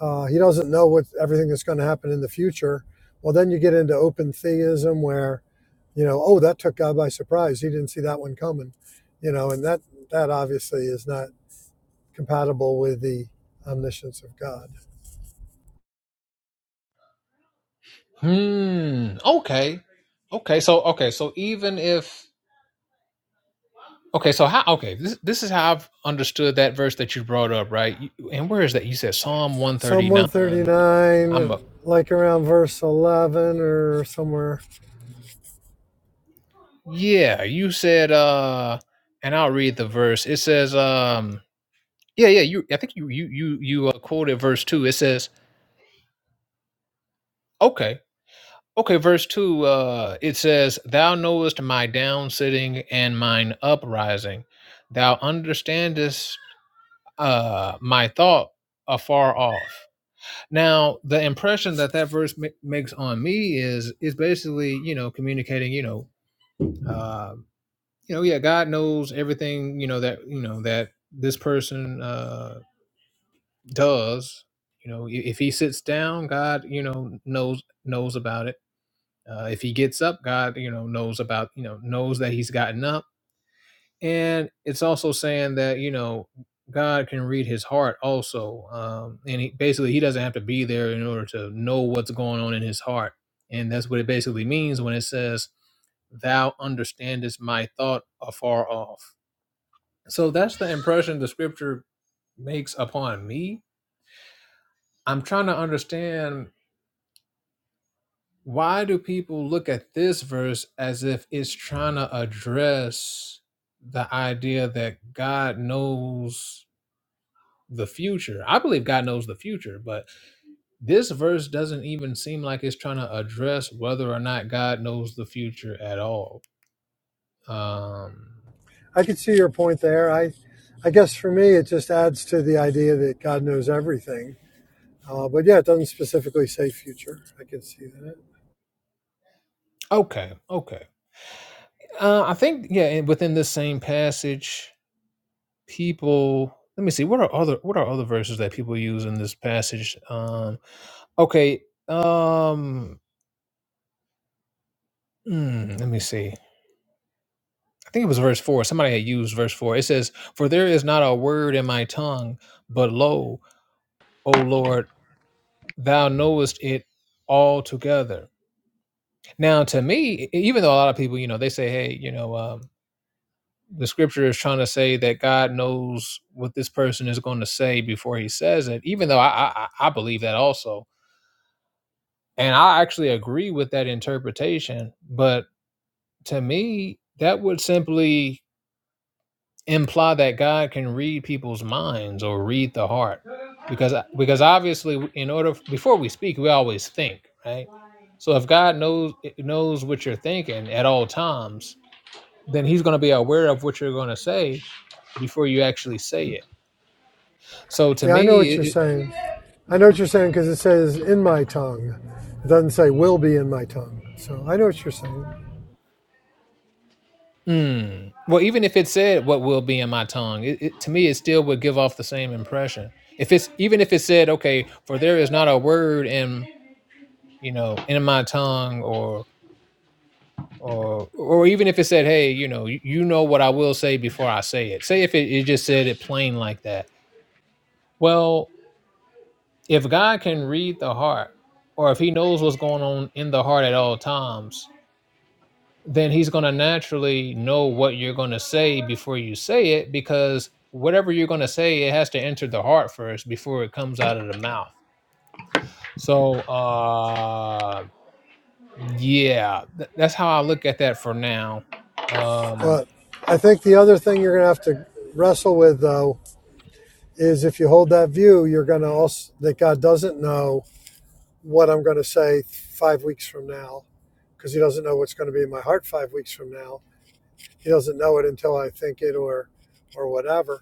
Speaker 3: uh, he doesn't know what everything that's going to happen in the future. Well, then you get into open theism where, you know, oh, that took God by surprise. He didn't see that one coming, you know, and that that obviously is not compatible with the omniscience of God.
Speaker 2: Hmm. Okay. Okay. So okay. So even if okay. So how? Okay. This this is how I've understood that verse that you brought up, right? You- And where is that? You said Psalm one
Speaker 3: Psalm
Speaker 2: thirty nine. I'm a
Speaker 3: 139, like around verse 11 or somewhere.
Speaker 2: yeah. You said uh, and I'll read the verse. It says um. Yeah, yeah. You. I think you you you you uh, quoted verse two. It says okay. Okay, verse 2, uh, it says, Thou knowest my down sitting and mine uprising. Thou understandest uh, my thought afar off. Now, the impression that that verse ma- makes on me is is basically, you know, communicating, you know, uh, you know, yeah, God knows everything, you know, that you know that this person uh, does. You know, i- if he sits down, God, you know, knows knows about it. Uh, if he gets up, God, you know, knows about, you know, knows that he's gotten up and it's also saying that you know god can read his heart also um and he basically he doesn't have to be there in order to know what's going on in his heart and that's what it basically means when it says thou understandest my thought afar off so that's the impression the scripture makes upon me i'm trying to understand why do people look at this verse as if it's trying to address the idea that god knows the future. I believe God knows the future, but this verse doesn't even seem like it's trying to address whether or not God knows the future at all. Um,
Speaker 3: I could see your point there. I, I guess for me, it just adds to the idea that God knows everything. Uh, but yeah, it doesn't specifically say future. I could see that.
Speaker 2: okay, okay. Uh, I think yeah, and within this same passage, people. Let me see. What are other What are other verses that people use in this passage? Um, okay. Um, mm, let me see. I think it was verse four. Somebody had used verse four. It says, "For there is not a word in my tongue, but lo." O Lord, thou knowest it altogether. Now, to me, e- e, even though a lot of people, you know, they say, hey, you know, um, the scripture is trying to say that God knows what this person is going to say before he says it, even though I, I, I I believe that also. And I actually agree with that interpretation. But to me, that would simply imply that God can read people's minds or read the heart because uh, because obviously in order before we speak we always think right so if God knows eh, knows what you're thinking at all times then he's going to be aware of what you're going to say before you actually say it so to
Speaker 3: Yeah, I know
Speaker 2: me
Speaker 3: what
Speaker 2: it,
Speaker 3: you're
Speaker 2: it-
Speaker 3: saying. I know what you're saying because it says in my tongue. It doesn't say will be in my tongue. So I know what you're saying.
Speaker 2: mm, well even if it said what will be in my tongue it, it, to me it still would give off the same impression if it's even if it said okay for there is not a word in you know in my tongue or or or even if it said, "Hey, you know, you know what I will say before I say it." Say if it, it just said it plain like that. Well, if God can read the heart, or if He knows what's going on in the heart at all times, then He's going to naturally know what you're going to say before you say it, because whatever you're going to say, it has to enter the heart first before it comes out of the mouth. So, uh, yeah, th- that's how I look at that for now. Um,
Speaker 3: But I think the other thing you're going to have to wrestle with, though, is if you hold that view, you're going to also, that God doesn't know what I'm going to say five weeks from now because he doesn't know what's going to be in my heart five weeks from now. He doesn't know it until I think it or, or whatever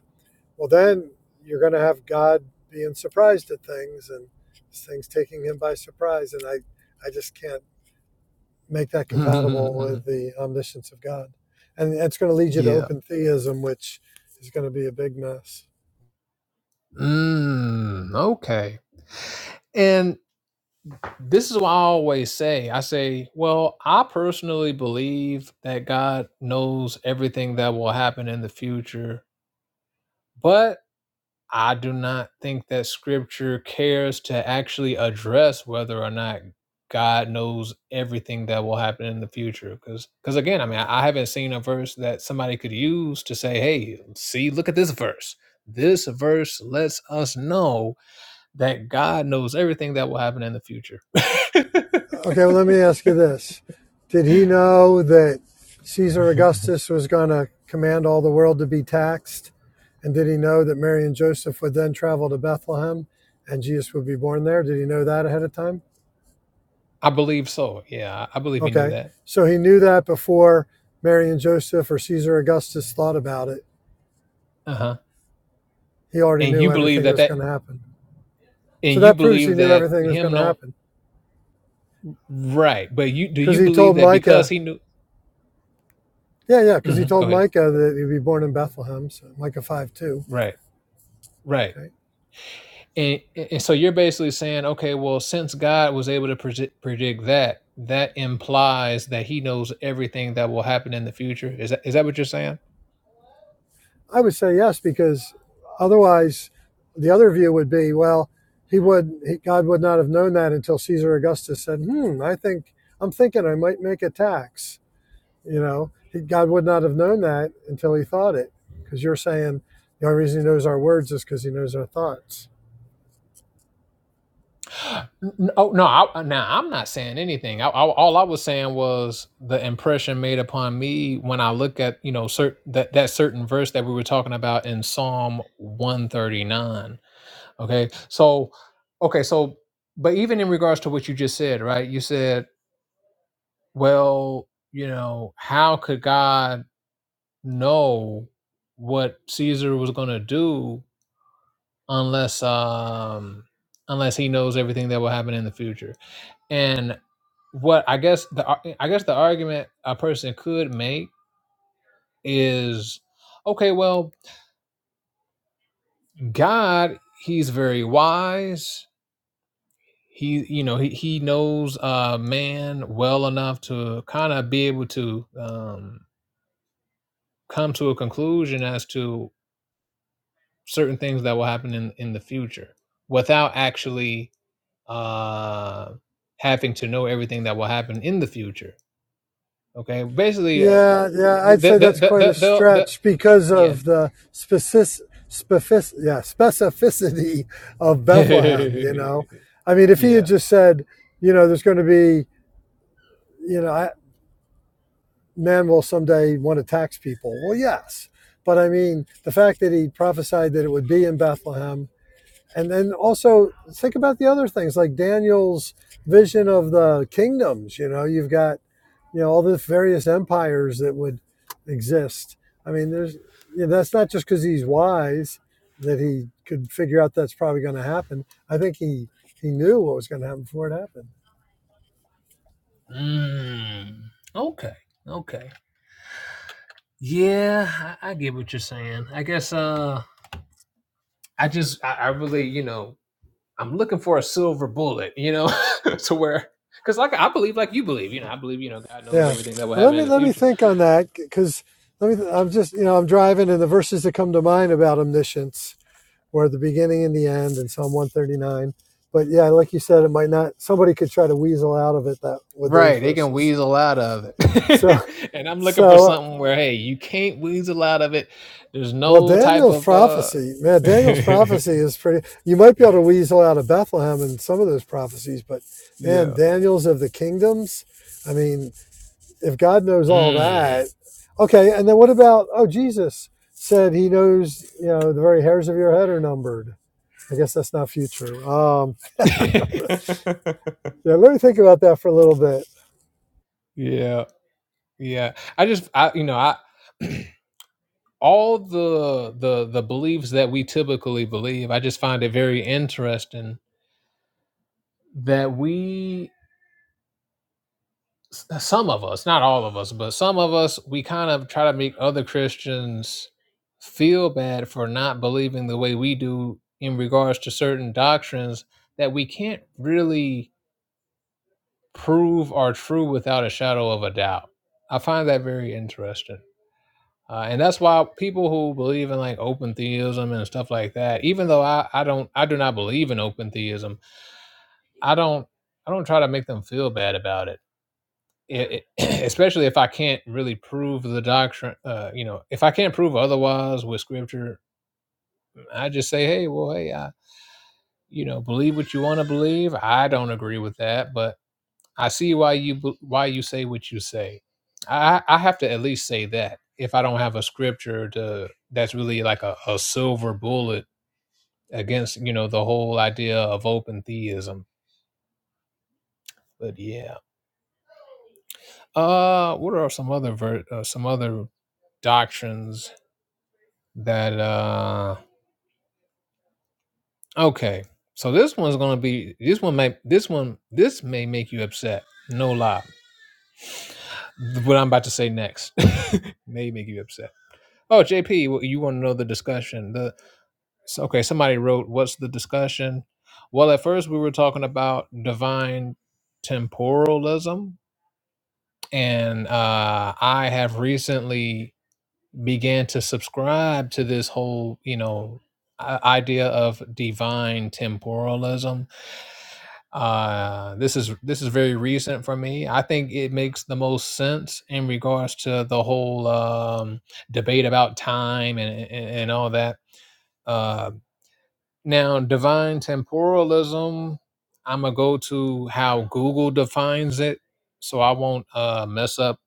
Speaker 3: Well, then you're going to have God being surprised at things and things taking him by surprise. And I, I just can't make that compatible with the omniscience of God. And it's going to lead you to
Speaker 2: yeah.
Speaker 3: open theism, which is going to be a big mess.
Speaker 2: Mm, okay. And this is what I always say. I say, well, I personally believe that God knows everything that will happen in the future, but I do not think that scripture cares to actually address whether or not God knows everything that will happen in the future. Because, because again, I mean, I, I haven't seen a verse that somebody could use to say, hey, see, look at this verse. This verse lets us know that God knows everything that will happen in the future.
Speaker 3: Okay, well, let me ask you this Did he know that Caesar Augustus was going to command all the world to be taxed? And did he know that Mary and Joseph would then travel to Bethlehem and Jesus would be born there? Did he know that ahead of time?
Speaker 2: I believe so. Yeah, I believe he knew
Speaker 3: Okay.
Speaker 2: that.
Speaker 3: So he knew that before Mary and Joseph or Caesar Augustus thought about it.
Speaker 2: Uh huh.
Speaker 3: He already
Speaker 2: And you
Speaker 3: knew
Speaker 2: believe
Speaker 3: everything that
Speaker 2: that
Speaker 3: was
Speaker 2: that,
Speaker 3: going to happen. So
Speaker 2: and you
Speaker 3: that proves he
Speaker 2: believe
Speaker 3: knew
Speaker 2: that
Speaker 3: everything was
Speaker 2: him
Speaker 3: going to
Speaker 2: know
Speaker 3: happen
Speaker 2: right. But you do
Speaker 3: because
Speaker 2: you
Speaker 3: he
Speaker 2: believe
Speaker 3: told
Speaker 2: that because
Speaker 3: Micah,
Speaker 2: he knew?
Speaker 3: yeah, yeah, because
Speaker 2: hmm
Speaker 3: he
Speaker 2: go
Speaker 3: told
Speaker 2: ahead.
Speaker 3: Micah that he'd be born in Bethlehem, so Micah 5 2.
Speaker 2: Right. Right.
Speaker 3: Okay.
Speaker 2: And, and so you're basically saying, okay, well, since God was able to predi- predict that, that implies that He knows everything that will happen in the future. Is that is that what you're saying?
Speaker 3: I would say yes, because otherwise the other view would be, well, he would, he, God would not have known that until Caesar Augustus said, hmm, I think, I'm thinking I might make a tax You know, he, God would not have known that until he thought it. Because you're saying the only reason he knows our words is because he knows our thoughts.
Speaker 2: N- Oh no! I, now I'm not saying anything. I, I, all I was saying was the impression made upon me when I look at you know certain that that certain verse that we were talking about in Psalm 139. Okay, so okay, so but even in regards to what you just said, right? You said, well, you know, how could God know what Caesar was going to do unless um unless he knows everything that will happen in the future? And what I guess the ar- I guess the argument a person could make is, okay, well, God, He's very wise. He, you know, he he knows uh, man well enough to kind of be able to um, come to a conclusion as to certain things that will happen in in the future without actually uh, having to know everything that will happen in the future. Okay, basically, uh,
Speaker 3: Yeah, yeah,
Speaker 2: the,
Speaker 3: I'd
Speaker 2: the,
Speaker 3: say that's
Speaker 2: the,
Speaker 3: quite
Speaker 2: the,
Speaker 3: a
Speaker 2: the, the,
Speaker 3: stretch because
Speaker 2: yeah,
Speaker 3: of the specific, specific, yeah, specificity of Bethlehem. You
Speaker 2: yeah.
Speaker 3: know, I mean, if he had just said, you know, there's going to be, you know, I, man will someday want to tax people. Well, yes, but I mean, the fact that he prophesied that it would be in Bethlehem and then also think about the other things like Daniel's vision of the kingdoms. You know, you've got you know all the various empires that would exist. I mean, there's you know, that's not just because he's wise that he could figure out that's probably going to happen. I think he he knew what was going to happen before it happened.
Speaker 2: Mm, okay. Okay. Yeah, I, I get what you're saying. I guess uh I just I, I really, you know, I'm looking for a silver bullet, you know, to where because like I believe like you believe, you know, I believe, you know, God knows
Speaker 3: Yeah.
Speaker 2: everything that will
Speaker 3: Well,
Speaker 2: happen
Speaker 3: let
Speaker 2: in
Speaker 3: me
Speaker 2: the
Speaker 3: let me
Speaker 2: future.
Speaker 3: think on that because let me. I'm just you know I'm driving and the verses that come to mind about omniscience or the beginning and the end in Psalm 139. But yeah, like you said, it might not. Somebody could try to weasel out of it that with those
Speaker 2: Right. They can
Speaker 3: verses.
Speaker 2: weasel out of it.
Speaker 3: So
Speaker 2: and I'm looking for
Speaker 3: so
Speaker 2: something where hey, you can't weasel out of it. There's
Speaker 3: well,
Speaker 2: no type
Speaker 3: Daniel's
Speaker 2: of uh
Speaker 3: prophecy, man, Daniel's prophecy is pretty. You might be able to weasel out of Bethlehem and some of those prophecies, but man,
Speaker 2: Yeah.
Speaker 3: Daniel's of the kingdoms. I mean, if God knows all
Speaker 2: Mm.
Speaker 3: that, okay. And then what about? Oh, Jesus said he knows. You know, the very hairs of your head are numbered. I guess that's not future. Um, Yeah, let me think about that for a little bit.
Speaker 2: Yeah, yeah. I just, I, you know, I all the the the beliefs that we typically believe. I just find it very interesting that we, s- uh, some of us, not all of us, but some of us, we kind of try to make other Christians feel bad for not believing the way we do in regards to certain doctrines that we can't really prove are true without a shadow of a doubt. I find that very interesting. Uh, and that's why people who believe in like open theism and stuff like that, even though I, I don't I do not believe in open theism, I don't I don't try to make them feel bad about it. It, it especially if I can't really prove the doctrine, uh, you know, if I can't prove otherwise with scripture, I just say, hey, well, hey, I, you know, believe what you want to believe. I don't agree with that, but I see why you b- why you say what you say. I I have to at least say that if I don't have a scripture to that's really like a, a silver bullet against you know the whole idea of open theism. But yeah, uh, what are some other ver- uh, some other doctrines that uh okay. So this one's gonna be this one may this one this may make you upset. No lie, what I'm about to say next may make you upset. Oh, JP, you want to know the discussion? the. So, okay, somebody wrote, "What's the discussion?" Well, at first we were talking about divine temporalism, and uh, I have recently began to subscribe to this whole, you know, i- idea of divine temporalism. Uh, this is this is very recent for me. I think it makes the most sense in regards to the whole um, debate about time and, and and all that Uh, Now, divine temporalism, I'm going to go to how Google defines it so I won't uh, mess up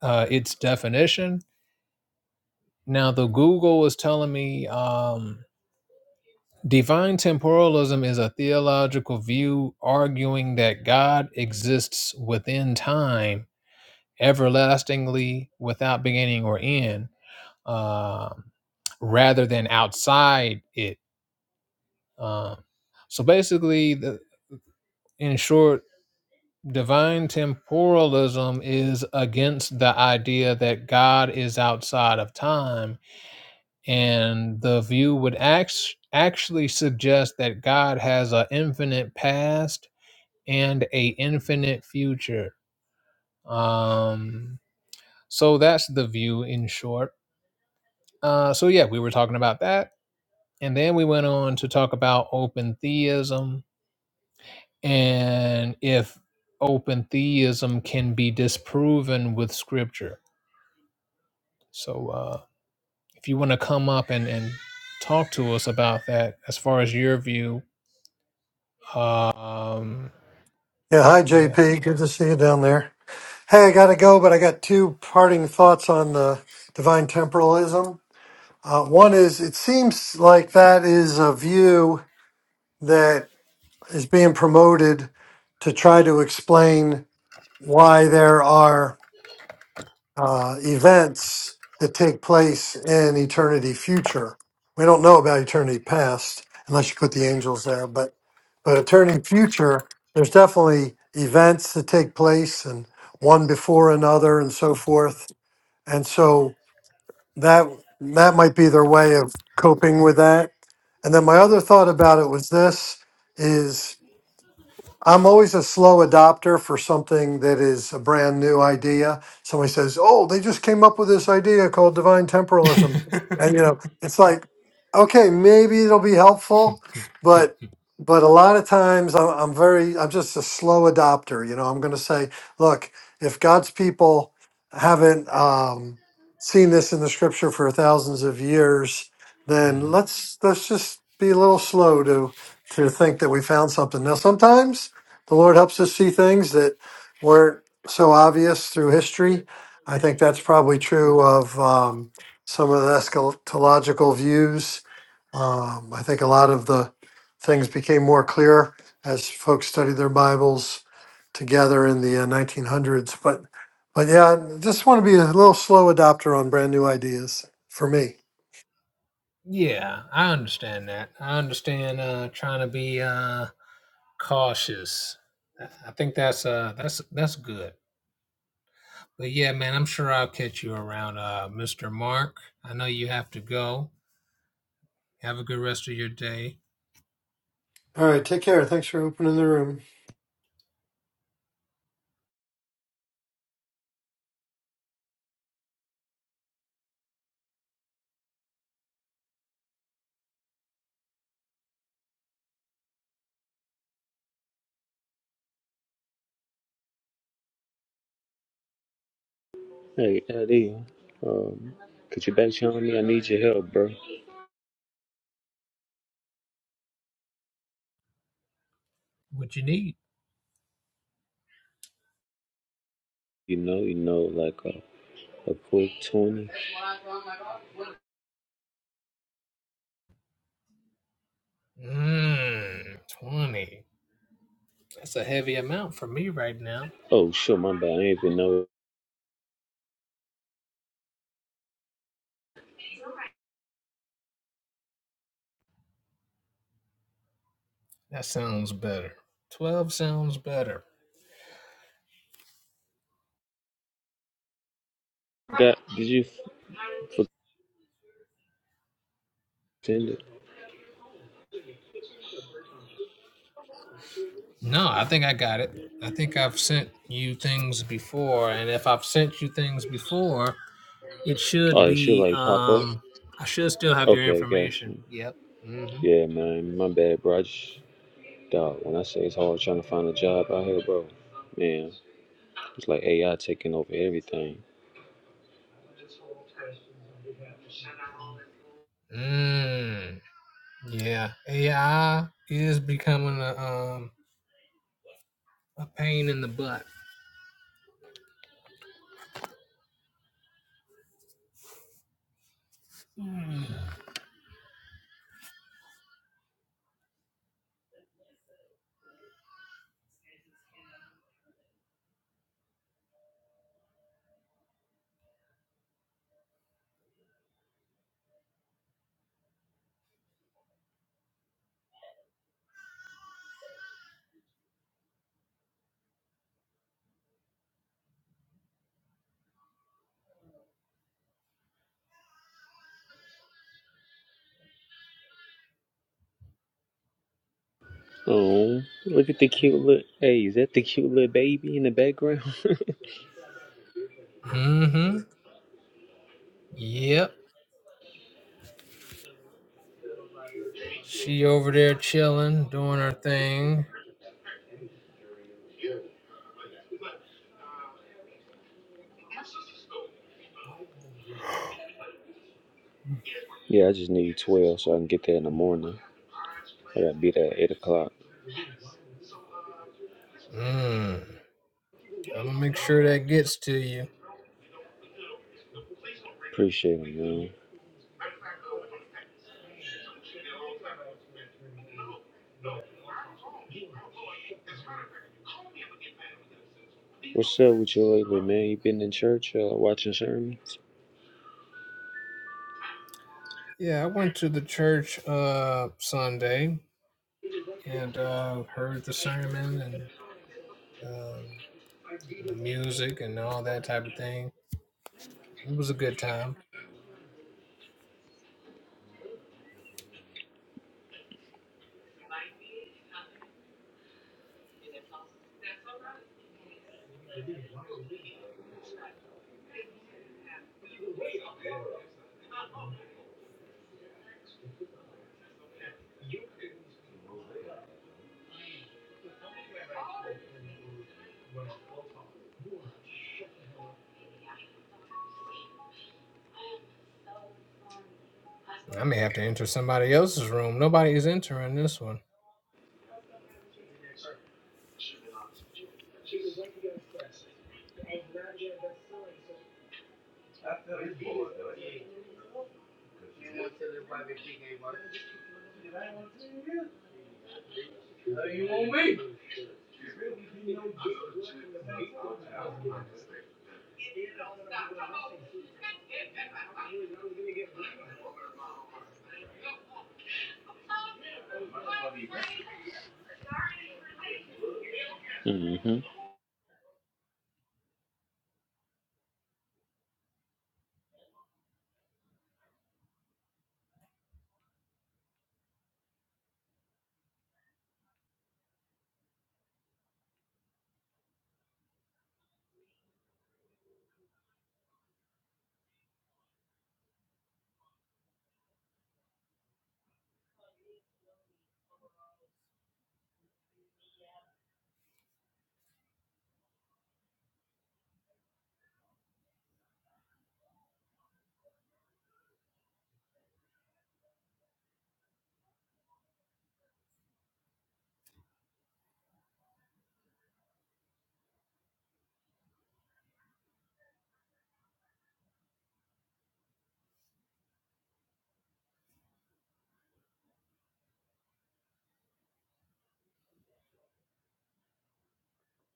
Speaker 2: uh, its definition. Now, the Google is telling me um, divine temporalism is a theological view arguing that God exists within time everlastingly without beginning or end um rather than outside it. Um so basically, the, in short, divine temporalism is against the idea that God is outside of time, and the view would act- actually suggest that God has an infinite past and a infinite future. Um, so that's the view in short. Uh, so yeah, we were talking about that, and then we went on to talk about open theism and if open theism can be disproven with scripture So uh, if you want to come up and, and talk to us about that, as far as your view, um,
Speaker 3: Yeah, hi
Speaker 2: yeah.
Speaker 3: JP. Good to see you down there. Hey, I gotta go, but I got two parting thoughts on the divine temporalism. Uh, one is it seems like that is a view that is being promoted to try to explain why there are. uh, events that take place in eternity future. We don't know about eternity past unless you put the angels there, but but eternity future, there's definitely events that take place and one before another and so forth. And so that that might be their way of coping with that. And then my other thought about it was this is I'm always a slow adopter for something that is a brand new idea. Somebody says, "Oh, they just came up with this idea called divine temporalism," and you know, it's like, okay, maybe it'll be helpful, but but a lot of times I'm, I'm very, I'm just a slow adopter. You know, I'm going to say, look, if God's people haven't um, seen this in the Scripture for thousands of years, then
Speaker 2: hmm
Speaker 3: let's let's just be a little slow to to think that we found something. Now, sometimes the Lord helps us see things that weren't so obvious through history. I think that's probably true of um, some of the eschatological views. Um, I think a lot of the things became more clear as folks studied their Bibles together in the uh, 1900s. But, but yeah, I just want to be a little slow adopter on brand new ideas for me.
Speaker 2: Yeah, I understand that. I understand uh, trying to be uh, cautious. I I think that's uh, that's that's good. But yeah, man, I'm sure I'll catch you around, uh, Mr. Mark. I know you have to go. Have a good rest of your day.
Speaker 3: All right, take care. Thanks for opening the room.
Speaker 4: Hey, Eddie, um, could you back channel me? I need your help, bro.
Speaker 2: What you need.
Speaker 4: You know, you know, like a, a quick 20.
Speaker 2: Mmm, 20. That's a heavy amount for me right now.
Speaker 4: Oh, sure, my bad. I didn't even know.
Speaker 2: That sounds better. 12 sounds better.
Speaker 4: Got, did you f- pretend it?
Speaker 2: No, I think I got it. I think I've sent you things before, and if I've sent you things before, it should
Speaker 4: Oh, it should
Speaker 2: be,
Speaker 4: like pop up?
Speaker 2: um, I should still have your
Speaker 4: Okay, got
Speaker 2: information.
Speaker 4: you.
Speaker 2: Yep. Mm-hmm.
Speaker 4: Yeah, man, my bad, bro. I just, dog, when I say it's hard trying to find a job out here, bro, man, it's like AI taking over everything.
Speaker 2: Mmm. Yeah. AI is becoming a, um, a pain in the butt.
Speaker 4: Oh, look at the cute little, hey, is that the cute little baby in the background?
Speaker 2: Mm-hmm. Yep. She over there chilling, doing her thing.
Speaker 4: Yeah, I just need 12 so I can get there in the morning. I gotta be there at 8 o'clock.
Speaker 2: Mm. I'm gonna make sure that gets to you.
Speaker 4: Appreciate it, man. What's up with you lately, man? You been in church uh, watching sermons?
Speaker 2: Yeah, I went to the church uh Sunday and uh heard the sermon and um you know, music and all that type of thing. It was a good time. I may have to enter somebody else's room. Nobody is entering this one.
Speaker 4: Mm hmm.